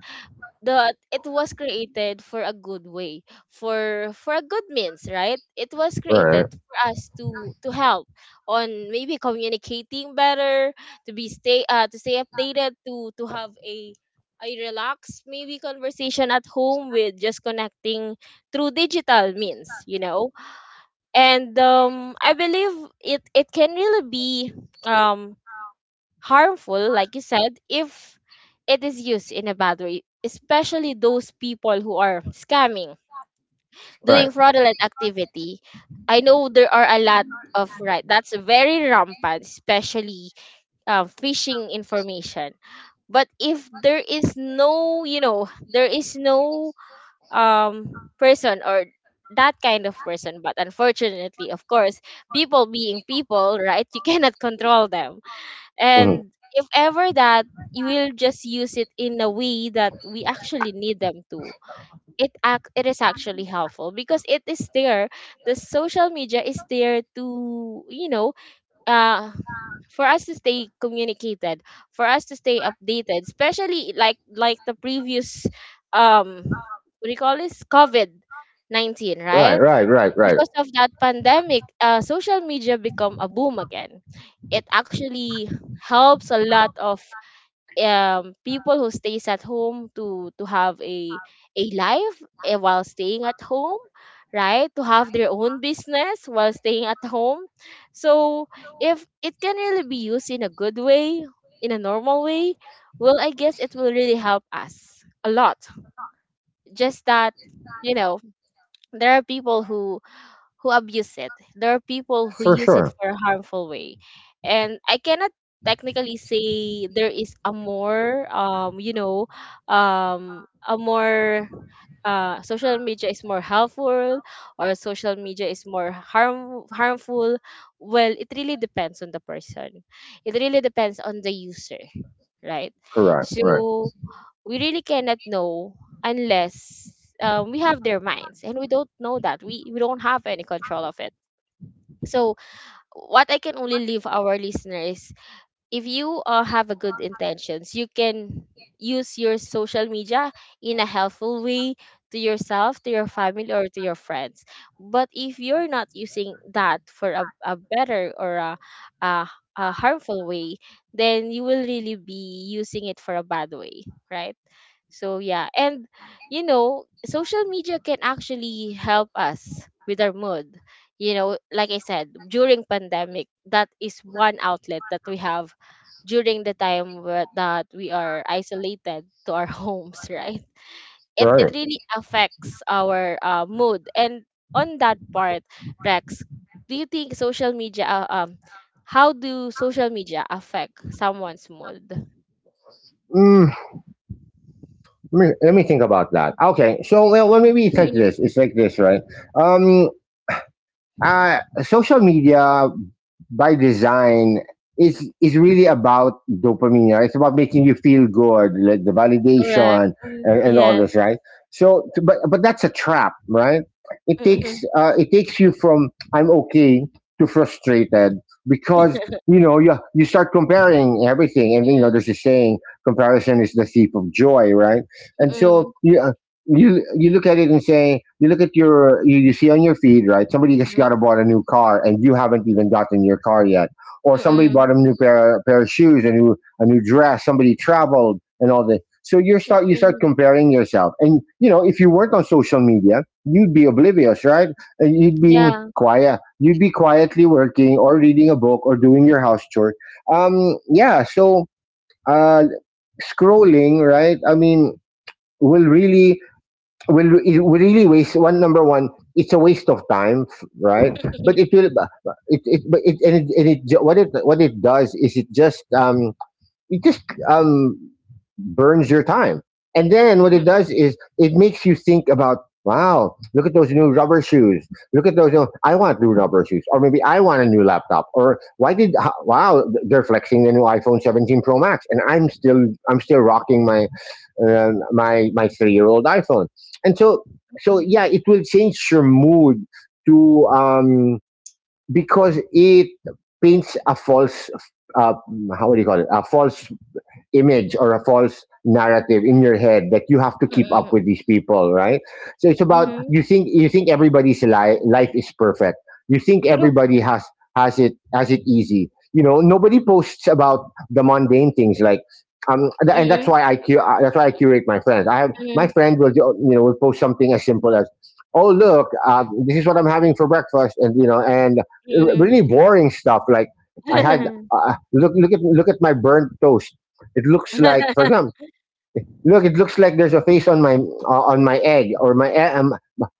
Speaker 1: the it was created for a good way, for a good means, right? It was
Speaker 2: Right,
Speaker 1: created for us to help on maybe communicating better, to be stay to stay updated, to have a relaxed maybe conversation at home with just connecting through digital means, you know. And I believe it, it can really be um harmful, like you said, if it is used in a bad way, especially those people who are scamming, doing
Speaker 2: right.
Speaker 1: fraudulent activity. I know there are a lot of, right, that's very rampant, especially phishing information. But if there is no, you know, there is no person, or that kind of person, but unfortunately, of course, people being people, right? You cannot control them.
Speaker 2: Mhm.
Speaker 1: And if ever that you will just use it in a way that we actually need them to, it act it is actually helpful because it is there. The social media is there to, you know, uh for us to stay communicated, for us to stay updated, especially like the previous um what do you call this? COVID 19,
Speaker 2: Right,
Speaker 1: right?
Speaker 2: right, right, right.
Speaker 1: Because of that pandemic, social media become a boom again. It actually helps a lot of people who stays at home, to have a life, eh, while staying at home, right? To have their own business while staying at home. So if it can really be used in a good way, in a normal way, well, I guess it will really help us a lot. Just that, you know, there are people who abuse it. There are people who
Speaker 2: For
Speaker 1: use it
Speaker 2: sure.
Speaker 1: for a harmful way. And I cannot technically say there is a more you know a more social media is more helpful or social media is more harmful. Well, it really depends on the person, it really depends on the user, right?
Speaker 2: Correct. Right,
Speaker 1: So we really cannot know unless, we have their minds, and we don't know that, we don't have any control of it. So what I can only leave our listeners, if you, have a good intentions, you can use your social media in a helpful way, to yourself, to your family, or to your friends. But if you're not using that for a better or a, a harmful way, then you will really be using it for a bad way, right? So yeah, and you know, social media can actually help us with our mood. You know, like I said, during pandemic, that is one outlet that we have during the time that we are isolated to our [LAUGHS] homes, right? It
Speaker 2: right.
Speaker 1: it really affects our, mood. And on that part, Rex, do you think social media, how do social media affect someone's mood?
Speaker 2: Mm, let me think about that. Okay, so, well, well,
Speaker 1: Mm.
Speaker 2: maybe it's like
Speaker 1: [LAUGHS]
Speaker 2: this, right? Um, social media, by design, is really about dopamine, right? It's about making you feel good, like the
Speaker 1: Correct.
Speaker 2: validation
Speaker 1: Mm,
Speaker 2: and all
Speaker 1: yes.
Speaker 2: this, right? So, but that's a trap, right?
Speaker 1: Mm.
Speaker 2: It takes you from, "I'm okay," to frustrated, because
Speaker 1: Mm,
Speaker 2: you know, you start comparing everything, and you know, there's a saying, comparison is the thief of joy, right? And so
Speaker 1: mm,
Speaker 2: you, you look at it and say, you look at your, you see on your feed, right, somebody just
Speaker 1: mhm,
Speaker 2: got a, bought a new car, and you haven't even gotten your car yet, or somebody bought a new pair of shoes, a new, a new dress, somebody traveled and all this. So you
Speaker 1: mm,
Speaker 2: start,
Speaker 1: mm.
Speaker 2: comparing yourself, and you know, if you weren't on social media, you'd be oblivious, right? And you'd be
Speaker 1: Yeah.
Speaker 2: quiet, you'd be quietly working or reading a book or doing your house chore. Um, yeah, so uh scrolling, right? I mean, will really, will really waste, one, number one, it's a waste of time, right? But it
Speaker 1: Mm,
Speaker 2: will, it but it and it, and it ju- what it does is it just um, it just um, burns your time. And then what it does is it makes you think about, "Wow, look at those new rubber shoes, look at those new, I want new rubber shoes, or maybe I want a new laptop, or why did wow, they're flexing the new iPhone 17 Pro Max, and I'm still, I'm still rocking my my, my 3-year old iPhone." And so, so yeah, it will change your mood to because it paints a false uh, how would you call it, a false image or a false narrative in your head that you have to keep up
Speaker 1: mm,
Speaker 2: with these people, right? So it's about,
Speaker 1: mhm.
Speaker 2: you think, you think everybody's life is perfect. You think
Speaker 1: True.
Speaker 2: everybody has, has it easy. You know, nobody posts about the mundane things like and that's
Speaker 1: Mm,
Speaker 2: why I that's why I curate my friends. I have my
Speaker 1: mm,
Speaker 2: friend will you know, will post something as simple as, "Oh, look, this is what I'm having for breakfast," and you know, and
Speaker 1: mm.
Speaker 2: really boring stuff like, I had look, look at my burnt toast. It looks like, for example, look, it looks like there's a face on my egg, or my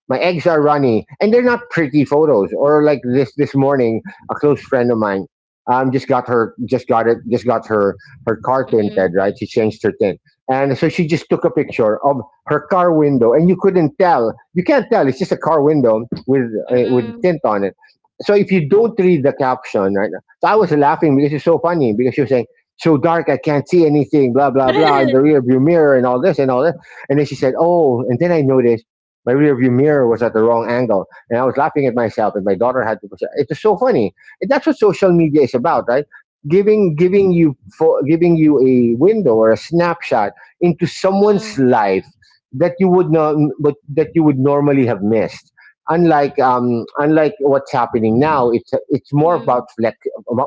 Speaker 2: my eggs are runny, and they're not pretty photos. Or like this morning, a close friend of mine just got her, just got her, her car
Speaker 1: Mm,
Speaker 2: tinted, right? She changed her tint, and so she just took a picture of her car window, and you couldn't tell. You can't tell. It's just a car window
Speaker 1: mm.
Speaker 2: with
Speaker 1: Mm,
Speaker 2: tint on it. So if you don't read the caption, right? So I was laughing because it's so funny, because she was saying, "So dark, I can't see anything, blah, blah, blah, in the rear view mirror," and all this and all that. And then she said, "Oh, and then I noticed my rear view mirror was at the wrong angle." And I was laughing at myself, and my daughter had to push it. It was so funny. And that's what social media is about, right? Giving you a window or a snapshot into someone's life that you would not but that you would normally have missed. Unlike unlike what's happening now, it's more about
Speaker 1: mm,
Speaker 2: flex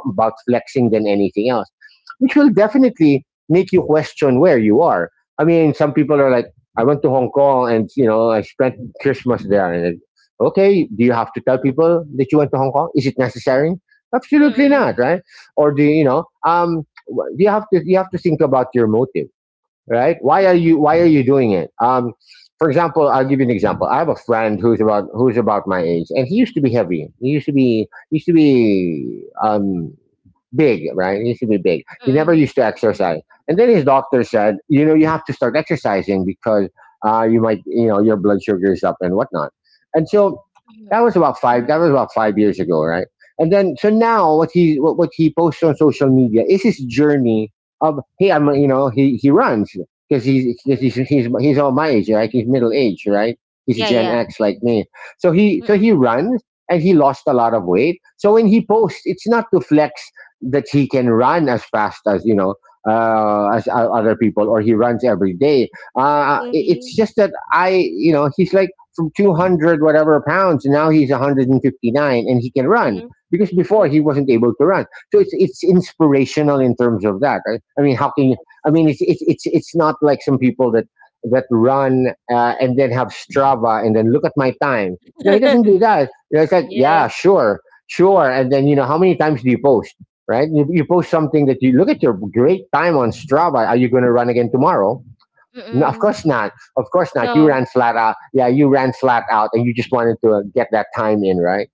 Speaker 2: about flexing than anything else, which will definitely make you question where you are. I mean, some people are like, I went to Hong Kong and, you know, I spent Christmas there, and it, okay, do you have to tell people that you went to Hong Kong? Is it necessary?
Speaker 1: mm,
Speaker 2: Absolutely
Speaker 1: mm,
Speaker 2: not, right? Or do you, you know? You have to, you have to think about your motive, right? Why are you doing it? For example, I'll give you an example. I have a friend who's about my age, and he used to be heavy. He used to be he used to be big, right? It needs to be big. He never
Speaker 1: mm.
Speaker 2: used to exercise. And then his doctor said, you know, you have to start exercising because you might, you know, your blood sugar is up and whatnot. And so
Speaker 1: [LAUGHS]
Speaker 2: That was about 5 years ago, right? And then so now what he posts on social media is his journey of, hey, I'm, you know, he runs because he's all my age, right? He's middle age, right? He's
Speaker 1: Yeah,
Speaker 2: Gen
Speaker 1: yeah.
Speaker 2: X like me. So he so
Speaker 1: Mm,
Speaker 2: he runs and he lost a lot of
Speaker 1: mm.
Speaker 2: weight. So when he posts, it's not to flex that he can run as fast as, you know, as other people, or he runs every day. It's
Speaker 1: Mhm,
Speaker 2: just that, I, you know, he's like from 200 whatever pounds, now he's 159, and he can run
Speaker 1: mhm,
Speaker 2: because before
Speaker 1: mm.
Speaker 2: he wasn't able to run. So it's inspirational in terms of that. I mean, how can you? I mean, it's not like some people that that run and then have Strava and then look at my time. No, he doesn't do
Speaker 1: [LAUGHS]
Speaker 2: that. You know, it's like,
Speaker 1: Yes.
Speaker 2: yeah, sure, sure. And then, you know, how many times do you post? Right? You post something that you look at your great time on Strava. Are you going to run again tomorrow? No, of
Speaker 1: Mm,
Speaker 2: course not. Of course not. You
Speaker 1: no.
Speaker 2: ran flat out. Yeah, you ran flat out, and you just wanted to get that time in, right?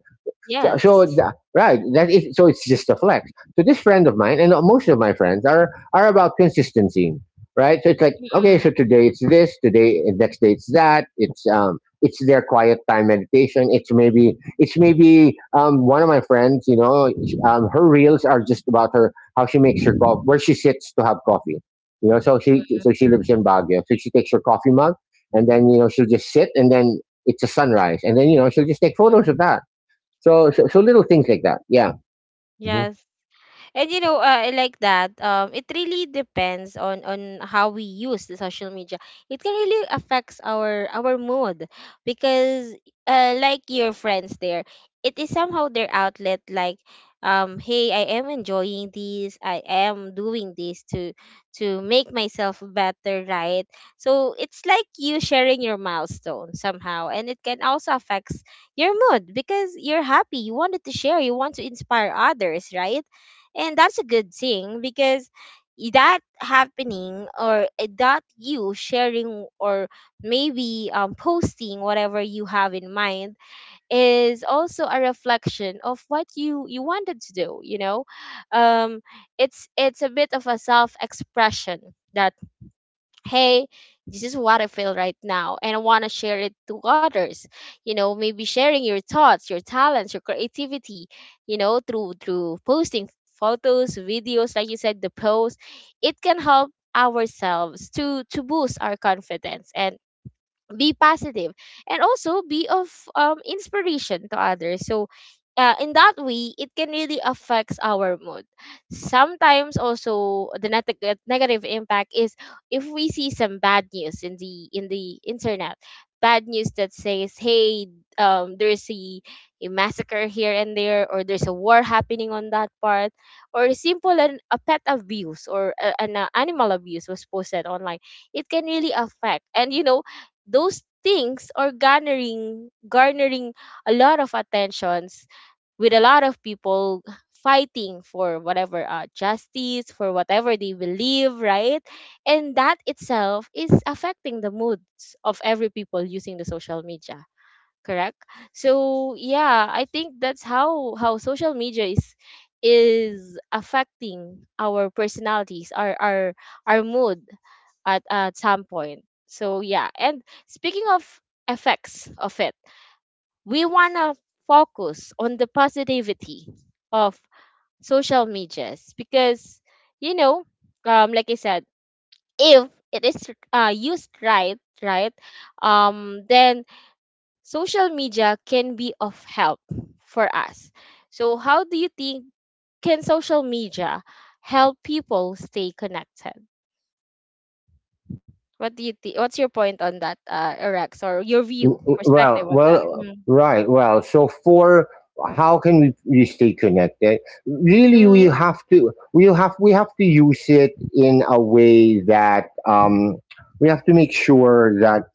Speaker 2: So, so
Speaker 1: Yes.
Speaker 2: tha- right, that is, so it's just a flex. So this friend of mine and most of my friends are about consistency, right? So it's like,
Speaker 1: Mm,
Speaker 2: okay, so today it's this, today next day it's that. It's their quiet time meditation. It's maybe one of my friends, you know, her reels are just about her how she makes her coffee, where she sits to have coffee. You know, so she lives in Baguio, so she takes her coffee mug, and then, you know, she'll just sit, and then it's a sunrise, and then, you know, she'll just take photos of
Speaker 1: mm.
Speaker 2: that. So little things like that. Yeah. Mhm.
Speaker 1: Yes. And you know, like that, it really depends on how we use the social media. It can really affects our mood because, like your friends there, it is somehow their outlet, like, um, hey, I am enjoying this, I am doing this to make myself better, right? So it's like you sharing your milestone somehow, and it can also affects your mood because you're happy, you wanted to share, you want to inspire others, right? And that's a good thing, because that happening, or eh, that you sharing, or maybe, posting whatever you have in mind, is also a reflection of what you wanted to do, you know. um it's a bit of a self expression, that hey, this is what I feel right now, and I want to share it to others, you know. Maybe sharing your thoughts, your talents, your creativity, you know, through posting photos, videos, like you said, the post. It can help ourselves to boost our confidence and be positive, and also be of, inspiration to others. So, in that way, it can really affects our mood. Sometimes also the negative impact is if we see some bad news in the, internet. Bad news that says hey, there's a massacre here and there, or there's a war happening on that part, or simple an, a pet abuse, or a, an, animal abuse was posted online. It can really affect, and you know, those things are garnering, a lot of attentions, with a lot of people fighting for whatever, justice for whatever they believe, right? And that itself is affecting the moods of every people using the social media, correct? So yeah, I think that's how social media is affecting our personalities, our mood, at some point. So yeah, and speaking of effects of it, we wanna focus on the positivity of social medias, because you know, like I said, if it is, used right, right, then social media can be of help for us. So how do you think can social media help people stay connected? What do you think? What's your point on that, Rex, or your view,
Speaker 2: Well,
Speaker 1: perspective on that?
Speaker 2: well,
Speaker 1: Mm.
Speaker 2: right. Well, so for how can we stay connected? Really, we
Speaker 1: Mm.
Speaker 2: have to. We have to use it in a way that, we have to make sure that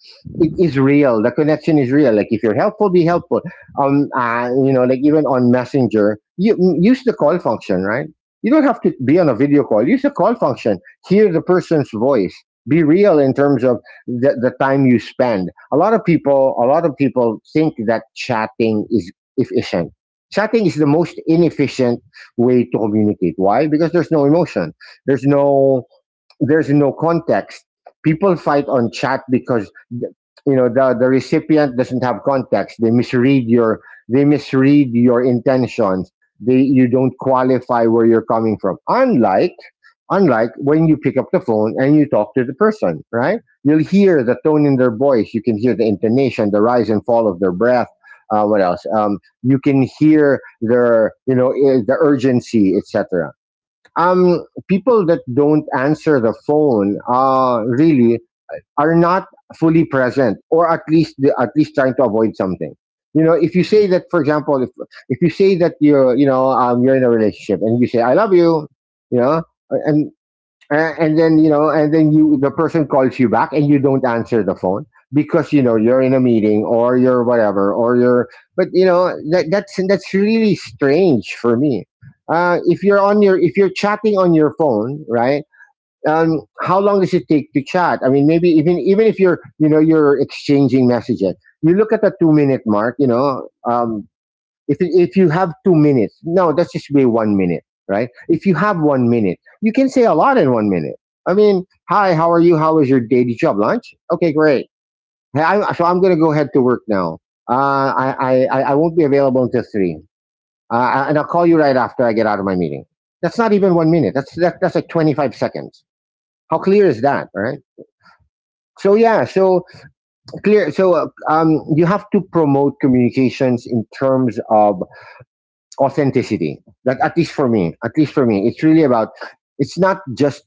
Speaker 2: it is real. The connection is real. Like if you're helpful, be helpful. You know, like even on Messenger, you use the call function, right? You don't have to be on a video call. Use the call function. Hear the person's voice. Be real in terms of the time you spend. A lot of people think that chatting is efficient. Chatting is the most inefficient way to communicate. Why? Because there's no emotion, there's no context. People fight on chat because, you know, the recipient doesn't have context. They misread your intentions. They You don't qualify where you're coming from. Unlike when you pick up the phone and you talk to the person, right? You'll hear the tone in their voice. You can hear the intonation, the rise and fall of their breath. What else? You can hear their, you know, the urgency, etc. People that don't answer the phone, really are not fully present, or at least trying to avoid something. You know, if you say that, for example, if you say that you're, you know, you're in a relationship and you say I love you, you know, and and then, you know, and then you the person calls you back and you don't answer the phone because, you know, you're in a meeting or you're whatever or you're, but, you know, that's really strange for me. If you're on your, if you're chatting on your phone, right, how long does it take to chat? I mean, maybe, even even if you're, you know, you're exchanging messages, you look at the 2 minute mark, you know. If you have 2 minutes, no, that's just be 1 minute, right? If you have 1 minute, you can say a lot in 1 minute. I mean, hi, how are you? How was your day? Did you have lunch? Okay, great. Hey, so I'm going to go head to work now. Uh, I won't be available until three. And I'll call you right after I get out of my meeting. That's not even 1 minute. That's like 25 seconds. How clear is that? Right. So yeah, so clear. So you have to promote communications in terms of authenticity. That At least for me, it's really about, it's not just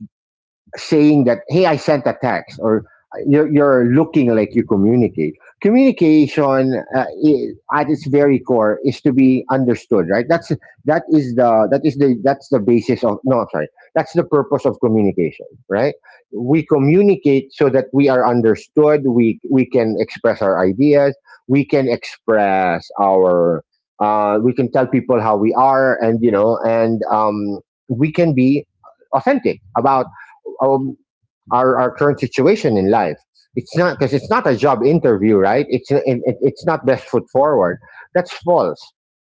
Speaker 2: saying that, hey, I sent a text, or you're looking like you communicate. Communication, I, at its very core, is to be understood, right? That's that is the that is the that's the basis of, no, I'm sorry, that's the purpose of communication, right? We communicate so that we are understood. We can express our ideas, we can express our we can tell people how we are, and, you know, and, we can be authentic about um, our current situation in life. It's not, because it's not a job interview, right? It's not best foot forward. That's false.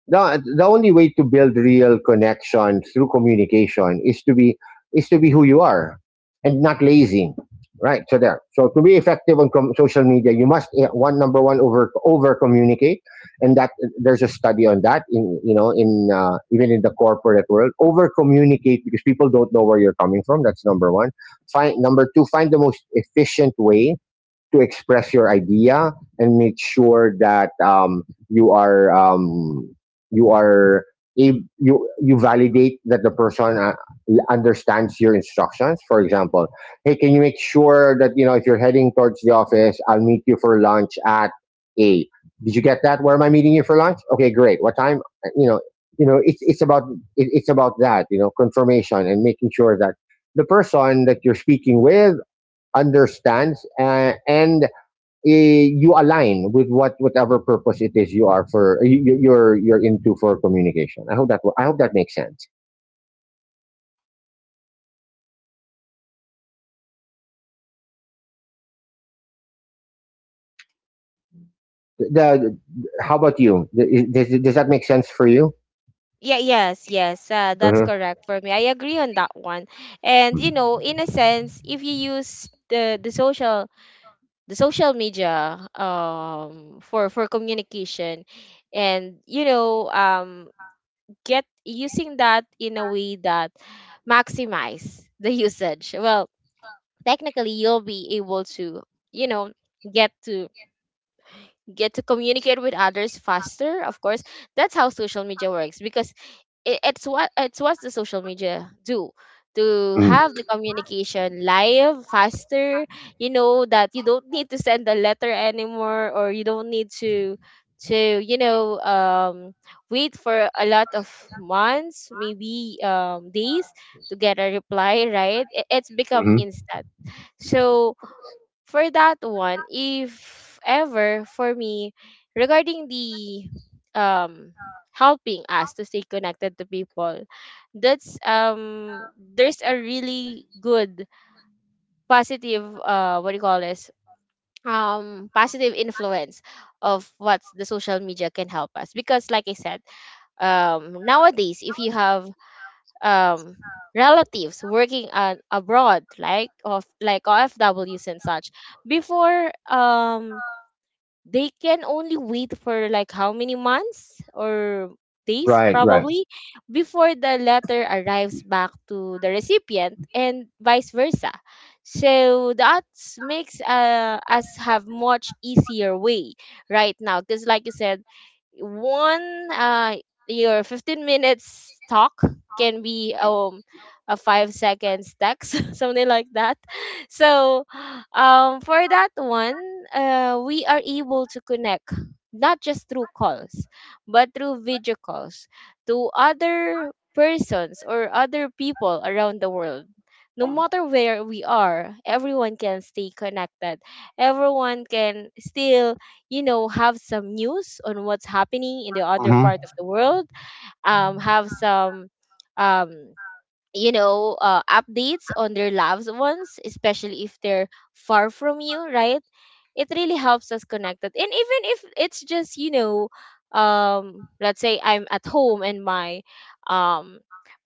Speaker 2: The only way to build real connection through communication is to be, is to be who you are and not lazy, right? So, to be effective on social media, you must, eh, one number one, over communicate. And that, there's a study on that in, you know, in, even in the corporate world, over communicate, because people don't know where you're coming from. That's number one. Find Number two, find the most efficient way to express your idea. And make sure that, you are um, you are you you validate that the person understands your instructions. For example, hey, can you make sure that, you know, if you're heading towards the office, I'll meet you for lunch at eight. Did you get that? Where am I meeting you for lunch? Okay, great. What time? You know, it's about, it's about that. You know, confirmation, and making sure that the person that you're speaking with understands, and you align with what whatever purpose it is you are for, you're into for communication. I hope that, I hope that makes sense. The, how about you? Does that make sense for you?
Speaker 1: Yeah, yes, yes, that's
Speaker 2: Mhm.
Speaker 1: correct for me. I agree on that one. And you know, in a sense, if you use the the social media, for communication, and you know, get using that in a way that maximize the [LAUGHS] usage. Well, technically, you'll be able to you know get to get to communicate with others faster, of course. That's how social media works, because it's what the social media do, to
Speaker 2: Mm,
Speaker 1: have the communication live faster. You know that you don't need to send a letter anymore, or you don't need to to you know um wait for a lot of months, maybe days to get a reply, right? It's become
Speaker 2: mhm.
Speaker 1: instant. So for that one, if ever for me, regarding the um helping us to stay connected to people, that's there's a really good positive, what do you call this, positive influence of what the social media can help us, because like I said, nowadays if you have um relatives working abroad, like of like OFWs and such, before they can only wait for like how many months or days
Speaker 2: Right, right,
Speaker 1: probably, before the letter arrives back to the recipient and vice versa. So that makes us have much easier way right now because like you said, one your 15 minutes talk can be a 5 seconds text. [LAUGHS] something like that so for that one, we are able to connect not just through calls, but through video calls to other persons or other people around the world. No matter where we are, everyone can stay connected. Everyone can still, have some news on what's happening in the other part of the world. Have some um updates on their loved ones, especially if they're far from you, right? It really helps us connected, and even if it's just, let's say I'm at home and my um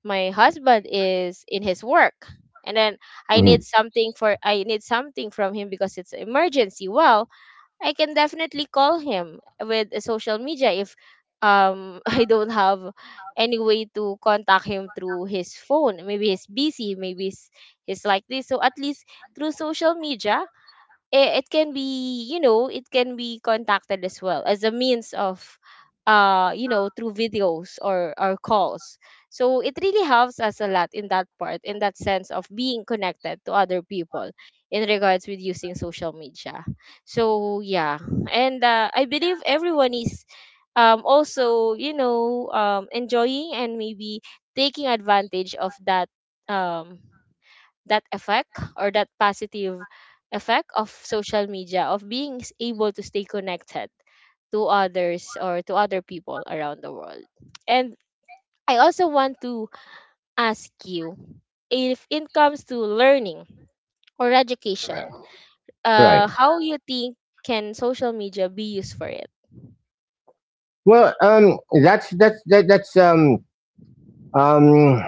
Speaker 1: husband is in his work, and then
Speaker 2: mhm,
Speaker 1: I need something from him because it's an emergency. Well, I can definitely call him with social media, if [LAUGHS] I don't have any way to contact him through his phone. Maybe he's busy, maybe he's like this. So at least through social media, it can be, it can be contacted as well, as a means of through videos, or calls. So it really helps us a lot in that part, in that sense of being connected to other people in regards with using social media, so yeah. And I believe everyone is also, enjoying and maybe taking advantage of that, um that effect, or that positive effect of social media, of being able to stay connected to others or to other people around the world. And I also want to ask you, if it comes to learning or education,
Speaker 2: right.
Speaker 1: how you think can social media be used for it.
Speaker 2: Well, that's um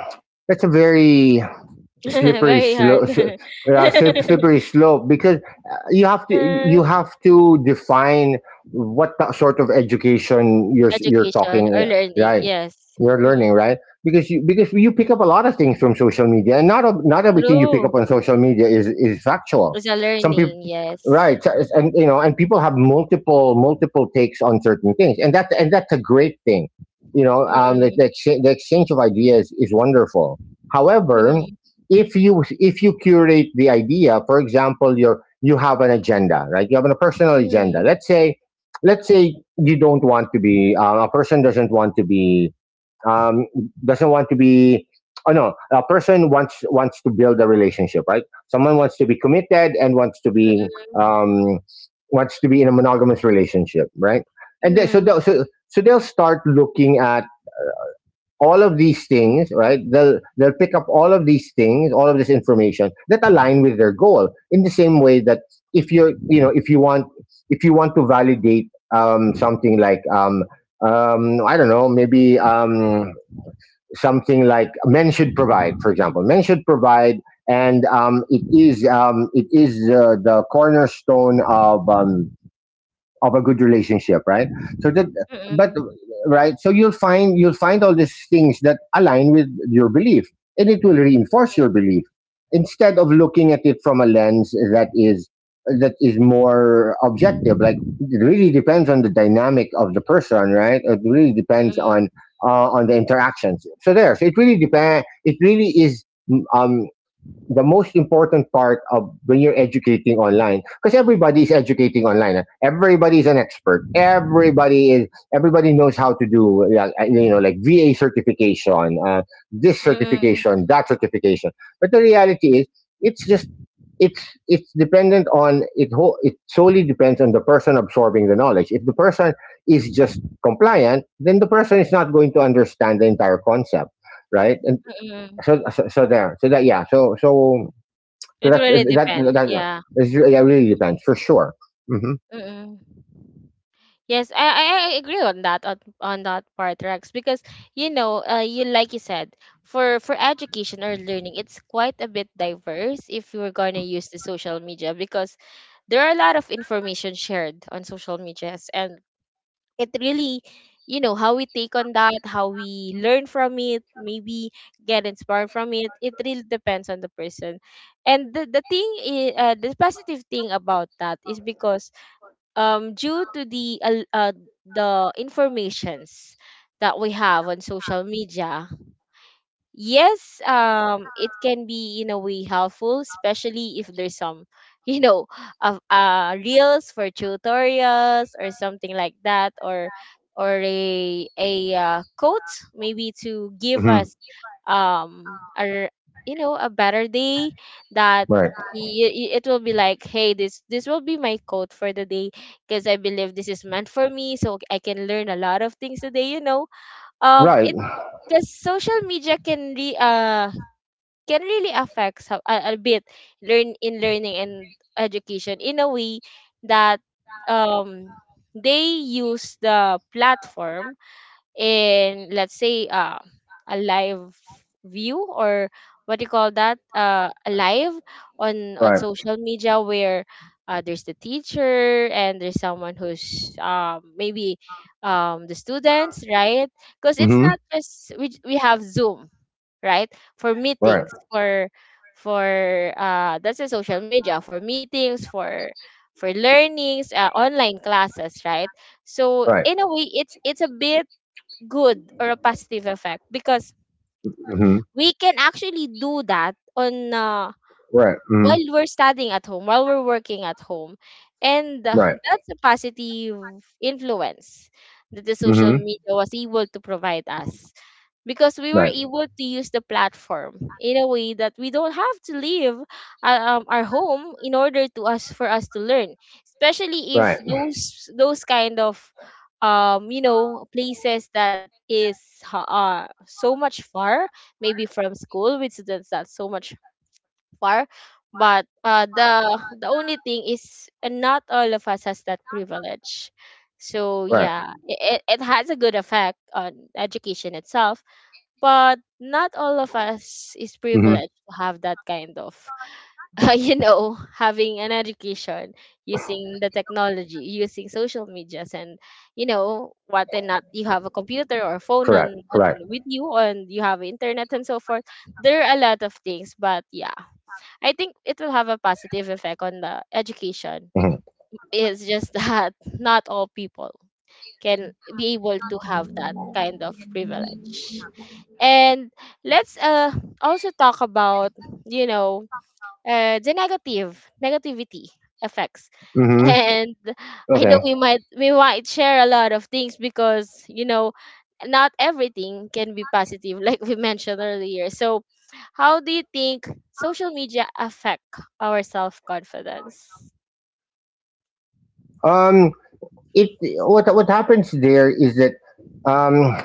Speaker 2: that's a very
Speaker 1: [LAUGHS]
Speaker 2: slippery
Speaker 1: Very hard.
Speaker 2: slope
Speaker 1: [LAUGHS]
Speaker 2: slippery slope because
Speaker 1: Uh,
Speaker 2: you have to define what sort of education you're
Speaker 1: education or
Speaker 2: talking
Speaker 1: learning,
Speaker 2: right.
Speaker 1: yes.
Speaker 2: You're
Speaker 1: Mm-mm.
Speaker 2: learning right, because you pick up a lot of things from social media, and not everything you pick up
Speaker 1: True,
Speaker 2: on social media is factual.
Speaker 1: it's a
Speaker 2: Some people,
Speaker 1: learning, yes.
Speaker 2: right? And you know, and people have multiple takes on certain things, and that's a great thing, you know.
Speaker 1: Mm-mm.
Speaker 2: The exchange of ideas is wonderful. However,
Speaker 1: Mm,
Speaker 2: if you curate the idea, for example, you have an agenda, right? You have a personal agenda.
Speaker 1: mm,
Speaker 2: Let's say, let's say you don't want to be a person doesn't want to be um, doesn't want to be oh no a person wants, to build a relationship, right? Someone wants to be committed and wants to be,
Speaker 1: mm,
Speaker 2: um, wants to be in a monogamous relationship, right? and then, so
Speaker 1: mm,
Speaker 2: they'll, so so they'll start looking at all of these things, right? They'll pick up all of these things, all of this information that align with their goal. In the same way that, if you're, you know, if you want to validate something like I don't know, maybe something like men should provide, for example. Men should provide, and it is, it is the cornerstone of a good relationship, right? So that, but
Speaker 1: mm,
Speaker 2: right, so you'll find, you'll find all these things that align with your belief, and it will reinforce your belief instead of looking at it from a lens that is, that is more objective. Like, it really depends on the dynamic of the person, right? It really depends on the interactions. So there, so it really depend. It really is. Um, the most important part of when you're educating online, because everybody is educating online, everybody is an expert, everybody is, everybody knows how to do, yeah, you know, like va certification, this
Speaker 1: mm,
Speaker 2: certification, that certification. But the reality is, it's just it's it's dependent on it whole it solely depends on the person absorbing the knowledge. If the person is just compliant, then the person is not going to understand the entire concept, right? And
Speaker 1: mm.
Speaker 2: so, so so there so that yeah so so so
Speaker 1: It
Speaker 2: that
Speaker 1: really
Speaker 2: that
Speaker 1: depends,
Speaker 2: that, that
Speaker 1: yeah.
Speaker 2: is, yeah, really depends for sure. Mm-hmm.
Speaker 1: Mm. Yes, I agree on that, on that part, Rex, because, you know, you like you said, for education or learning, it's quite a bit diverse if you're gonna use the social media, because there are a lot of information shared on social medias, and it really, how we take on that, how we learn from it, maybe get inspired from it, it really depends on the person. And the thing is the positive thing about that is because due to the the informations that we have on social media, yes, it can be in a way helpful, especially if there's some, [LAUGHS] you know, of reels for tutorials or something like that, or a quote, maybe to give
Speaker 2: Mm-hmm.
Speaker 1: us a a better day, that,
Speaker 2: Right.
Speaker 1: it will be like, hey, this will be my quote for the day, because I believe this is meant for me, so I can learn a lot of things today. It,
Speaker 2: Right.
Speaker 1: because social media can re can really affect so, a bit, learning and education, in a way that um they use the platform in, let's say, a live view, or what do you call that, a live on
Speaker 2: Right.
Speaker 1: social media where, there's the teacher, and there's someone who's, maybe, the students, right, because it's not
Speaker 2: Mm-hmm.
Speaker 1: just we have Zoom, right, for meetings,
Speaker 2: Right.
Speaker 1: for that's a social media, for meetings, for learnings, online classes, right. So
Speaker 2: Right.
Speaker 1: in a way it's, a bit good, or a positive effect, because
Speaker 2: Mm-hmm.
Speaker 1: we can actually do that on,
Speaker 2: Right. Mm-hmm.
Speaker 1: while we're studying at home, while we're working at home. And
Speaker 2: Right.
Speaker 1: that's a positive influence that the social
Speaker 2: Mm-hmm.
Speaker 1: media was able to provide us, because we were
Speaker 2: Right.
Speaker 1: able to use the platform in a way that we don't have to leave our home, in order to us to learn, especially if
Speaker 2: Right.
Speaker 1: those, kind of places that is so much far, maybe from school, with students that's so much far. But the only thing is, not all of us has that privilege. So
Speaker 2: Right.
Speaker 1: yeah, it has a good effect on education itself, but
Speaker 2: Mm-hmm.
Speaker 1: not all of us is privileged to have that kind of, [LAUGHS] you know, having an education using the technology, using social medias, and you know
Speaker 2: Correct.
Speaker 1: what and
Speaker 2: Correct.
Speaker 1: not. You have a computer or phone on with you, and you have internet and so forth. There are a lot of things, but yeah, I think it will have a positive effect on the
Speaker 2: Mm-hmm.
Speaker 1: education. It's just that, [LAUGHS] not all people can be able to have that kind of privilege. And let's also talk about, you know, the negative negativity effects.
Speaker 2: Mm-hmm.
Speaker 1: And
Speaker 2: Okay.
Speaker 1: I know we might share a lot of things, because you know, not everything can be positive, [LAUGHS] like we mentioned earlier. So how do you think social media affect our self-confidence?
Speaker 2: Um. It, what happens there is that, um.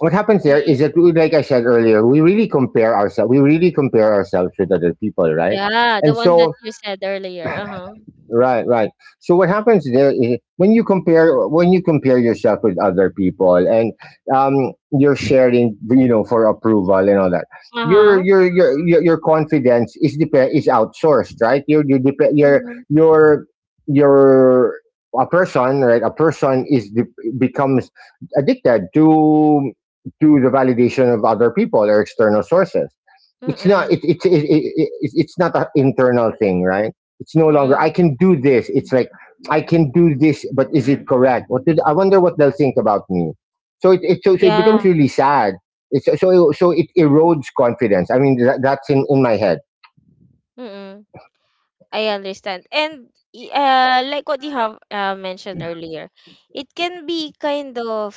Speaker 2: what happens there is
Speaker 1: Hmm.
Speaker 2: that we, like I said earlier, we really compare ourselves. We really compare ourselves with other people, right?
Speaker 1: Yeah, the
Speaker 2: And
Speaker 1: one that
Speaker 2: so,
Speaker 1: you said earlier. Uh-huh.
Speaker 2: right, right. So what happens there is, when you compare, when you compare yourself with other people and you're sharing, you know, for approval and all that. Your
Speaker 1: Uh-huh.
Speaker 2: your confidence is depend is outsourced, right? Your dep-
Speaker 1: Mm-hmm.
Speaker 2: your your a person, right? A person becomes addicted to the validation of other people or external sources. It's not
Speaker 1: Mm-mm.
Speaker 2: it, it, it, it, it it's not an internal thing, right? It's no longer
Speaker 1: Mm-mm.
Speaker 2: I can do this. It's like, I can do this, but is it correct? What did I wonder what they'll think about me. So it becomes
Speaker 1: Yeah.
Speaker 2: really sad. It's, so so it erodes confidence. I mean, that, that's in my head.
Speaker 1: I understand. And like what you have mentioned earlier, it can be kind of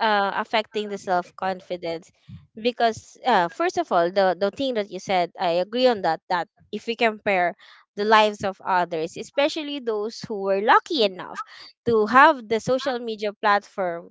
Speaker 1: affecting the self confidence, because first of all, the thing that you said, I agree on that. That if we compare the lives of others, especially those who were lucky enough to have the social media platform.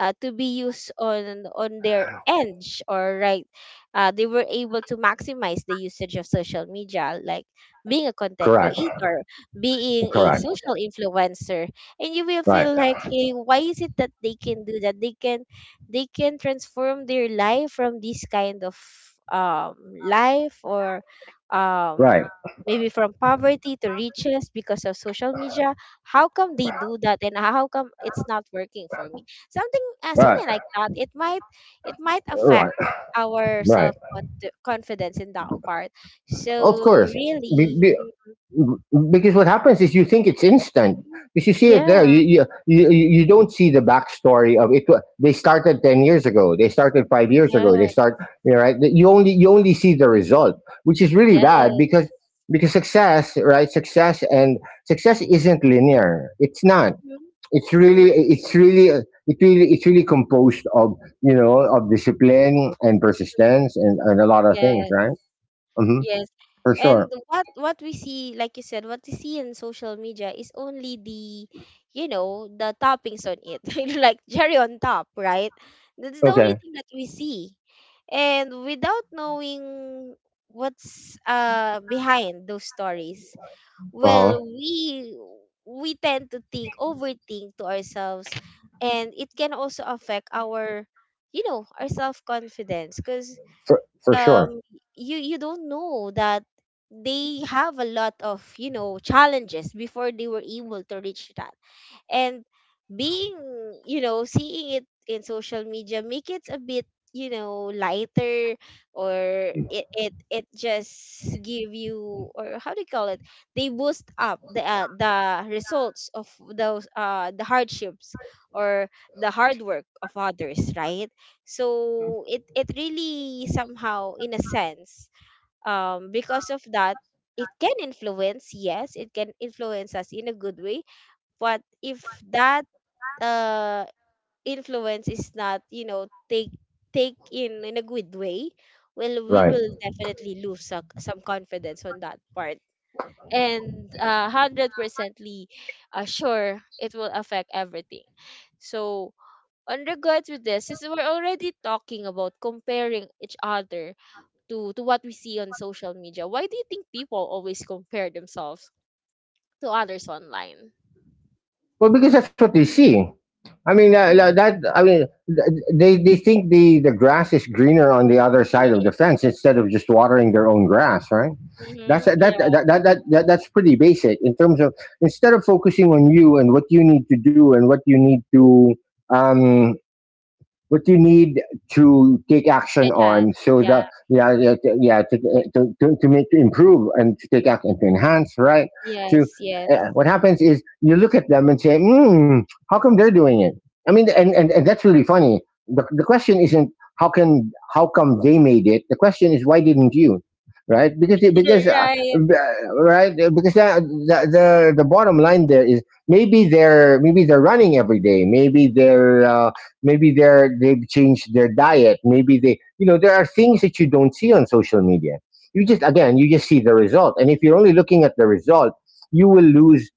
Speaker 1: To be used on their edge, or right, they were able to maximize the usage of social media, like being a content
Speaker 2: Correct.
Speaker 1: creator, being a
Speaker 2: Correct.
Speaker 1: social influencer, and you will
Speaker 2: Right.
Speaker 1: feel like, hey, why is it that they can do that? They can transform their life from this kind of um life, or
Speaker 2: Right.
Speaker 1: um maybe from poverty to riches because of social media, how come they do that, and how come it's not working for me,
Speaker 2: Right.
Speaker 1: something like that, it might
Speaker 2: Right.
Speaker 1: affect our
Speaker 2: Right.
Speaker 1: self confidence in that part.
Speaker 2: Of
Speaker 1: So
Speaker 2: course. Be,
Speaker 1: really,
Speaker 2: be, because what happens is, you think it's instant,
Speaker 1: mhm.
Speaker 2: because you see it there.
Speaker 1: Yeah,
Speaker 2: You don't see the backstory of it. They started 10 years ago, they started 5 years ago, they
Speaker 1: yes,
Speaker 2: start, you know, right? you only You only see the result, which is really bad
Speaker 1: yes.
Speaker 2: because success, right, success, and success isn't linear. It's not,
Speaker 1: Mhm.
Speaker 2: it's
Speaker 1: Mhm.
Speaker 2: really, it's really, it really it's really composed of, you know, of discipline and persistence, and a lot of things,
Speaker 1: Yes,
Speaker 2: right? Hmm.
Speaker 1: yes.
Speaker 2: For
Speaker 1: And
Speaker 2: sure.
Speaker 1: what we see, like you said, what we see in social media is only the, you know, the toppings on it. [LAUGHS] You know, like cherry on top, right? That's the only
Speaker 2: Okay.
Speaker 1: thing that we see, and without knowing what's behind those stories.
Speaker 2: Uh-huh.
Speaker 1: Well, we tend to think overthink to ourselves, and it can also affect our, our self confidence, because
Speaker 2: For sure.
Speaker 1: um you don't know that they have a lot of, you know, challenges before they were able to reach that. And being seeing it in social media make it a bit, you know, lighter, or it just give you, or how do you call it, they boost up the results of those, the hardships, or the hard work of others, right. So it really somehow in a sense because of that, it can influence, yes, it can influence us in a good way. But if that, uh, influence is not, you know, take in a good way, well, we
Speaker 2: Right.
Speaker 1: will definitely lose some, confidence on that part. And 100%ly sure, it will affect everything. So, on regards with this, since we're already talking about comparing each other to what we see on social media, why do you think people always compare themselves to others online?
Speaker 2: Well, because that's what they see. I mean,
Speaker 1: Mm-hmm.
Speaker 2: that. I mean, they think the grass is greener on the other side of the fence instead of just watering their own grass, right? That's that that
Speaker 1: Yeah.
Speaker 2: that, that, that that's pretty basic in terms of, instead of focusing on you and what you need to do and what you need to, um what you need to take action on,
Speaker 1: Enhance.
Speaker 2: so
Speaker 1: Yeah.
Speaker 2: that, yeah, yeah to, yeah to make, to improve and to take action to enhance, right? to
Speaker 1: Yes, yes.
Speaker 2: What happens is, you look at them and say, hmm, how come they're doing it? I mean, and
Speaker 1: Mhm.
Speaker 2: that's really funny. The question isn't, how come they made it, the question is, why didn't you? Right? because it-
Speaker 1: [LAUGHS]
Speaker 2: because
Speaker 1: Right.
Speaker 2: b- Right, because that, the, the the bottom line there is, maybe they're, maybe they're running every day, maybe they're maybe they're, they've changed their diet. Maybe they, you know, there are things that you don't see on social media. You just, again, you just see the result, and if you're only looking at the result, you will lose,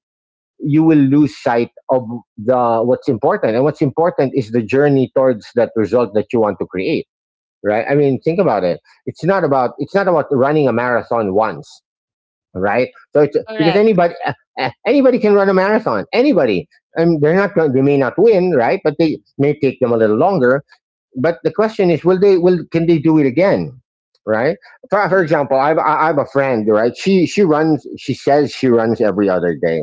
Speaker 2: you will lose sight of the what's important. And what's important is the journey towards that result that you want to create, right? I
Speaker 1: Mhm.
Speaker 2: mean, think about it. It's not about running a marathon once, right? So it's, because
Speaker 1: Correct.
Speaker 2: anybody, anybody can run a marathon. Anybody. I mean, they're not going. They may not win, right? But they may take them a
Speaker 1: Mm-hmm.
Speaker 2: little longer, but the question is, will they? Will Can they do it again? Right? For
Speaker 1: Mm-hmm.
Speaker 2: example, I have a friend. Right? She runs. She says she runs every other day.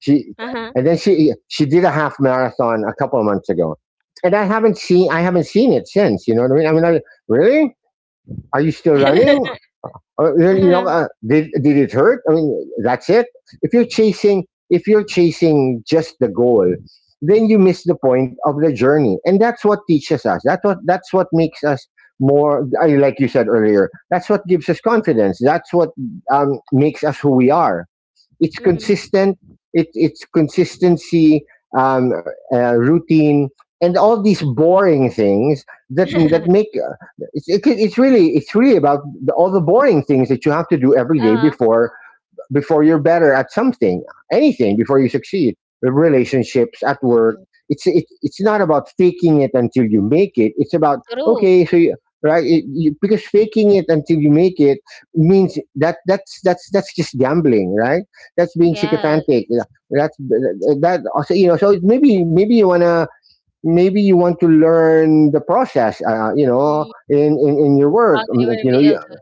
Speaker 2: She,
Speaker 1: Uh-huh.
Speaker 2: and then she did a half marathon a couple of months ago, and I haven't seen, I haven't seen it since. You know what I mean? I mean, I, really? Are you still running?
Speaker 1: [LAUGHS]
Speaker 2: Then, you
Speaker 1: Uh-huh.
Speaker 2: know, did it hurt? I mean, that's it. If you're chasing just the goal, then you miss the point of the journey, and that's what teaches us. That's what, that's what makes us more. I- Like you said earlier, that's what gives us confidence. That's what makes us who we are. It's
Speaker 1: Mm-hmm.
Speaker 2: consistent. It, it's consistency, um, routine, and all these boring things that that make,
Speaker 1: [LAUGHS]
Speaker 2: it's really, it's really about the, all the boring things that you have to do every day
Speaker 1: Uh-huh.
Speaker 2: before, before you're better at something, anything, before you succeed. Relationships at work.
Speaker 1: Hmm.
Speaker 2: It's not about faking it until you make it. It's about,
Speaker 1: True.
Speaker 2: okay, so you, right, it, you, because faking it until you make it means that, that's that's just gambling, right? That's being
Speaker 1: Yes.
Speaker 2: sycophantic. Yeah, that's, that also, you know, so maybe, maybe you want to, maybe you want to learn the process, you know,
Speaker 1: Mhm.
Speaker 2: in your
Speaker 1: How
Speaker 2: work.
Speaker 1: they
Speaker 2: Like,
Speaker 1: will
Speaker 2: you
Speaker 1: be
Speaker 2: know,
Speaker 1: able
Speaker 2: you,
Speaker 1: to.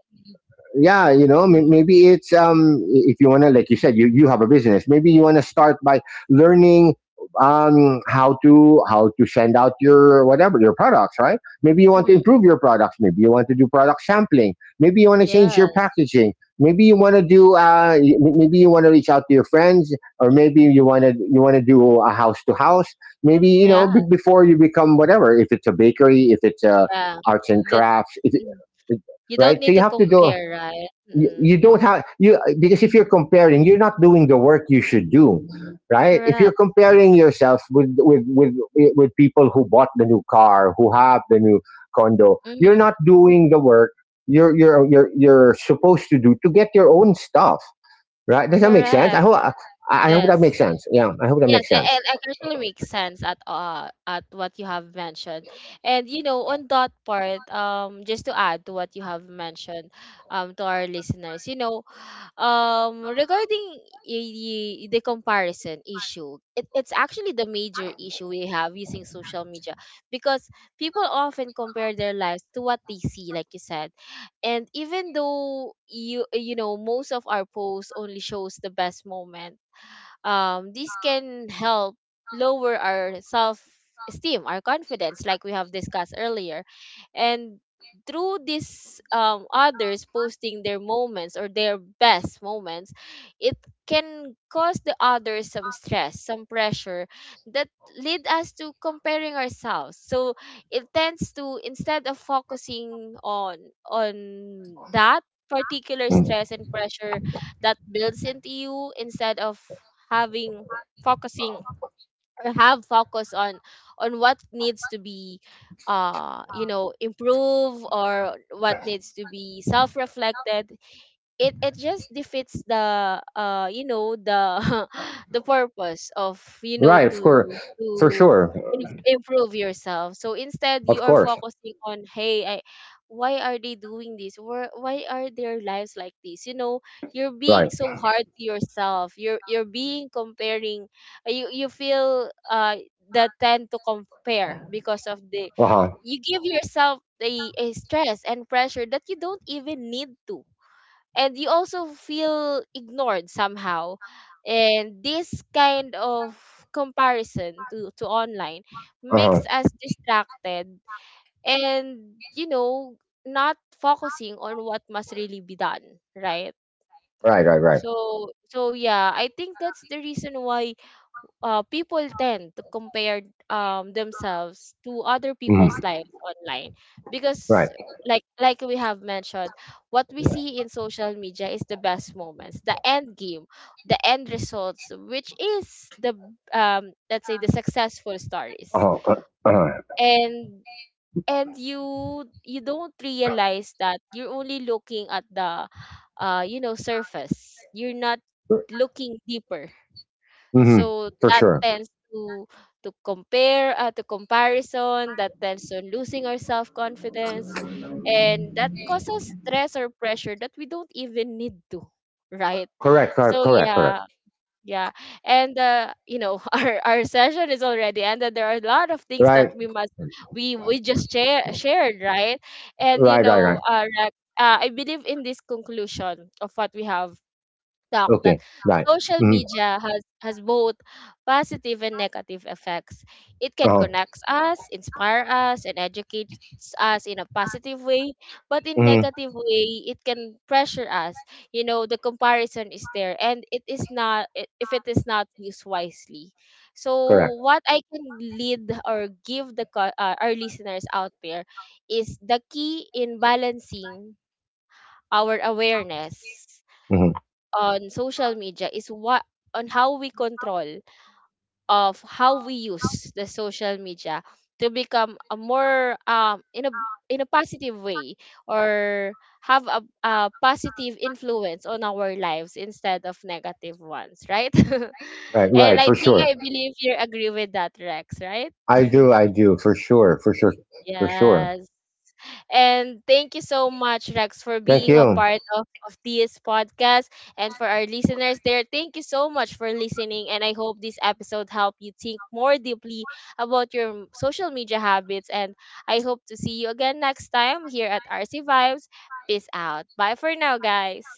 Speaker 2: yeah, you know,
Speaker 1: Mhm.
Speaker 2: maybe it's, if you want to, like you said, you have a business, maybe you want to start by learning how to, how to send out your, whatever, your products, right? Maybe you want to
Speaker 1: Mhm.
Speaker 2: improve your products, maybe you want to do product sampling, maybe you want to change your
Speaker 1: Yes.
Speaker 2: packaging, maybe you want to do maybe you want to reach out to your friends, or maybe you want to, you want to do a house to house, maybe you know,
Speaker 1: Yeah.
Speaker 2: before you become whatever, if it's a bakery, if it's
Speaker 1: Yeah.
Speaker 2: arts and
Speaker 1: That
Speaker 2: crafts, if
Speaker 1: mm,
Speaker 2: it,
Speaker 1: you don't
Speaker 2: right, so
Speaker 1: need
Speaker 2: you
Speaker 1: to
Speaker 2: have to do,
Speaker 1: compare, right?
Speaker 2: you
Speaker 1: Mm.
Speaker 2: don't have, you, because if you're comparing, you're not doing the work you should do, right? If you're
Speaker 1: Correct.
Speaker 2: comparing yourself with, with with people who bought the new car, who have the new condo, you're
Speaker 1: Mm.
Speaker 2: not doing the work you're supposed to do to get your own stuff, right? Does that make sense?
Speaker 1: Correct.
Speaker 2: I hope that makes
Speaker 1: Yes.
Speaker 2: sense. Yeah, I hope that
Speaker 1: Yes,
Speaker 2: makes sense.
Speaker 1: and I can actually make sense at what you have mentioned. And you know, on that part, just to add to what you have mentioned, to our listeners, you know, regarding the comparison issue, it's actually the major issue we have using social media, because people often compare their lives to what they see, like you said, and even though you know most of our posts only shows the best moment, this can help lower our self esteem, our confidence, like we have discussed earlier. And through this, others posting their moments or their best moments, it can cause the others some stress, some pressure that lead us to comparing ourselves. So it tends to, instead of focusing on that particular
Speaker 2: Mm.
Speaker 1: stress and pressure that builds into you, instead of having focusing, or have focus on what needs to be improve, or what needs to be self-reflected, it just defeats the, [LAUGHS] the purpose of, you know,
Speaker 2: Right, of course.
Speaker 1: to
Speaker 2: For sure.
Speaker 1: improve yourself. So instead
Speaker 2: Of
Speaker 1: you are
Speaker 2: course.
Speaker 1: focusing on, hey, why are they doing this, why are their lives like this, you know. You're
Speaker 2: Right.
Speaker 1: being so hard to yourself, you're being comparing, you feel, the tend to compare because of the,
Speaker 2: Uh-huh.
Speaker 1: you give yourself a stress and pressure that you don't even need to. And you also feel ignored somehow, and this kind of comparison to online makes
Speaker 2: Uh-huh.
Speaker 1: us distracted, and, you know, not focusing on what must really be done, right.
Speaker 2: Right, right, right.
Speaker 1: So yeah, I think that's the reason why people tend to compare themselves to other people's
Speaker 2: Mhm.
Speaker 1: lives online, because
Speaker 2: Right.
Speaker 1: like we have mentioned, what we see in social media is the best moments, the end game, the end results, which is the, let's say, the successful stories.
Speaker 2: Uh-huh. Uh, uh-huh.
Speaker 1: And and you don't realize that you're only looking at the, surface, you're not looking deeper.
Speaker 2: Hmm.
Speaker 1: So
Speaker 2: For
Speaker 1: that
Speaker 2: sure.
Speaker 1: tends to compare to comparison, that tends to losing our self confidence, and that causes stress or pressure that we don't even need to, right.
Speaker 2: Correct, correct,
Speaker 1: So
Speaker 2: correct,
Speaker 1: yeah,
Speaker 2: correct.
Speaker 1: yeah. And you know, [LAUGHS] our session is already ended. There are a lot of things that
Speaker 2: Right,
Speaker 1: we must, we just shared, right. And you
Speaker 2: right, right, right.
Speaker 1: know, Rex, I believe in this conclusion of what we have talk, that
Speaker 2: Okay, right.
Speaker 1: social
Speaker 2: Mm-hmm.
Speaker 1: media has both positive and negative effects. It can
Speaker 2: Uh-huh.
Speaker 1: connect us, inspire us, and educate us in a positive way, but in
Speaker 2: Mm-hmm.
Speaker 1: negative way, it can pressure us. You know, the comparison is there, and it is not, if it is not used wisely. So,
Speaker 2: Correct.
Speaker 1: what I can lead or give the our listeners out there is, the key in balancing our awareness
Speaker 2: Mm-hmm.
Speaker 1: on social media is what, on how we control, of how we use the social media, to become a more in a positive way, or have a positive influence on our lives instead of negative ones, right. [LAUGHS]
Speaker 2: Right,
Speaker 1: And
Speaker 2: right, for sure.
Speaker 1: I believe you agree with that, Rex, right?
Speaker 2: I do, for sure, for sure, for sure.
Speaker 1: Yes. And thank you so much, Rex, for
Speaker 2: Thank
Speaker 1: being a
Speaker 2: you.
Speaker 1: part of this podcast. And for our listeners there, thank you so much for listening. And I hope this episode helped you think more deeply about your social media habits. And I hope to see you again next time here at RC Vibes. Peace out. Bye for now, guys.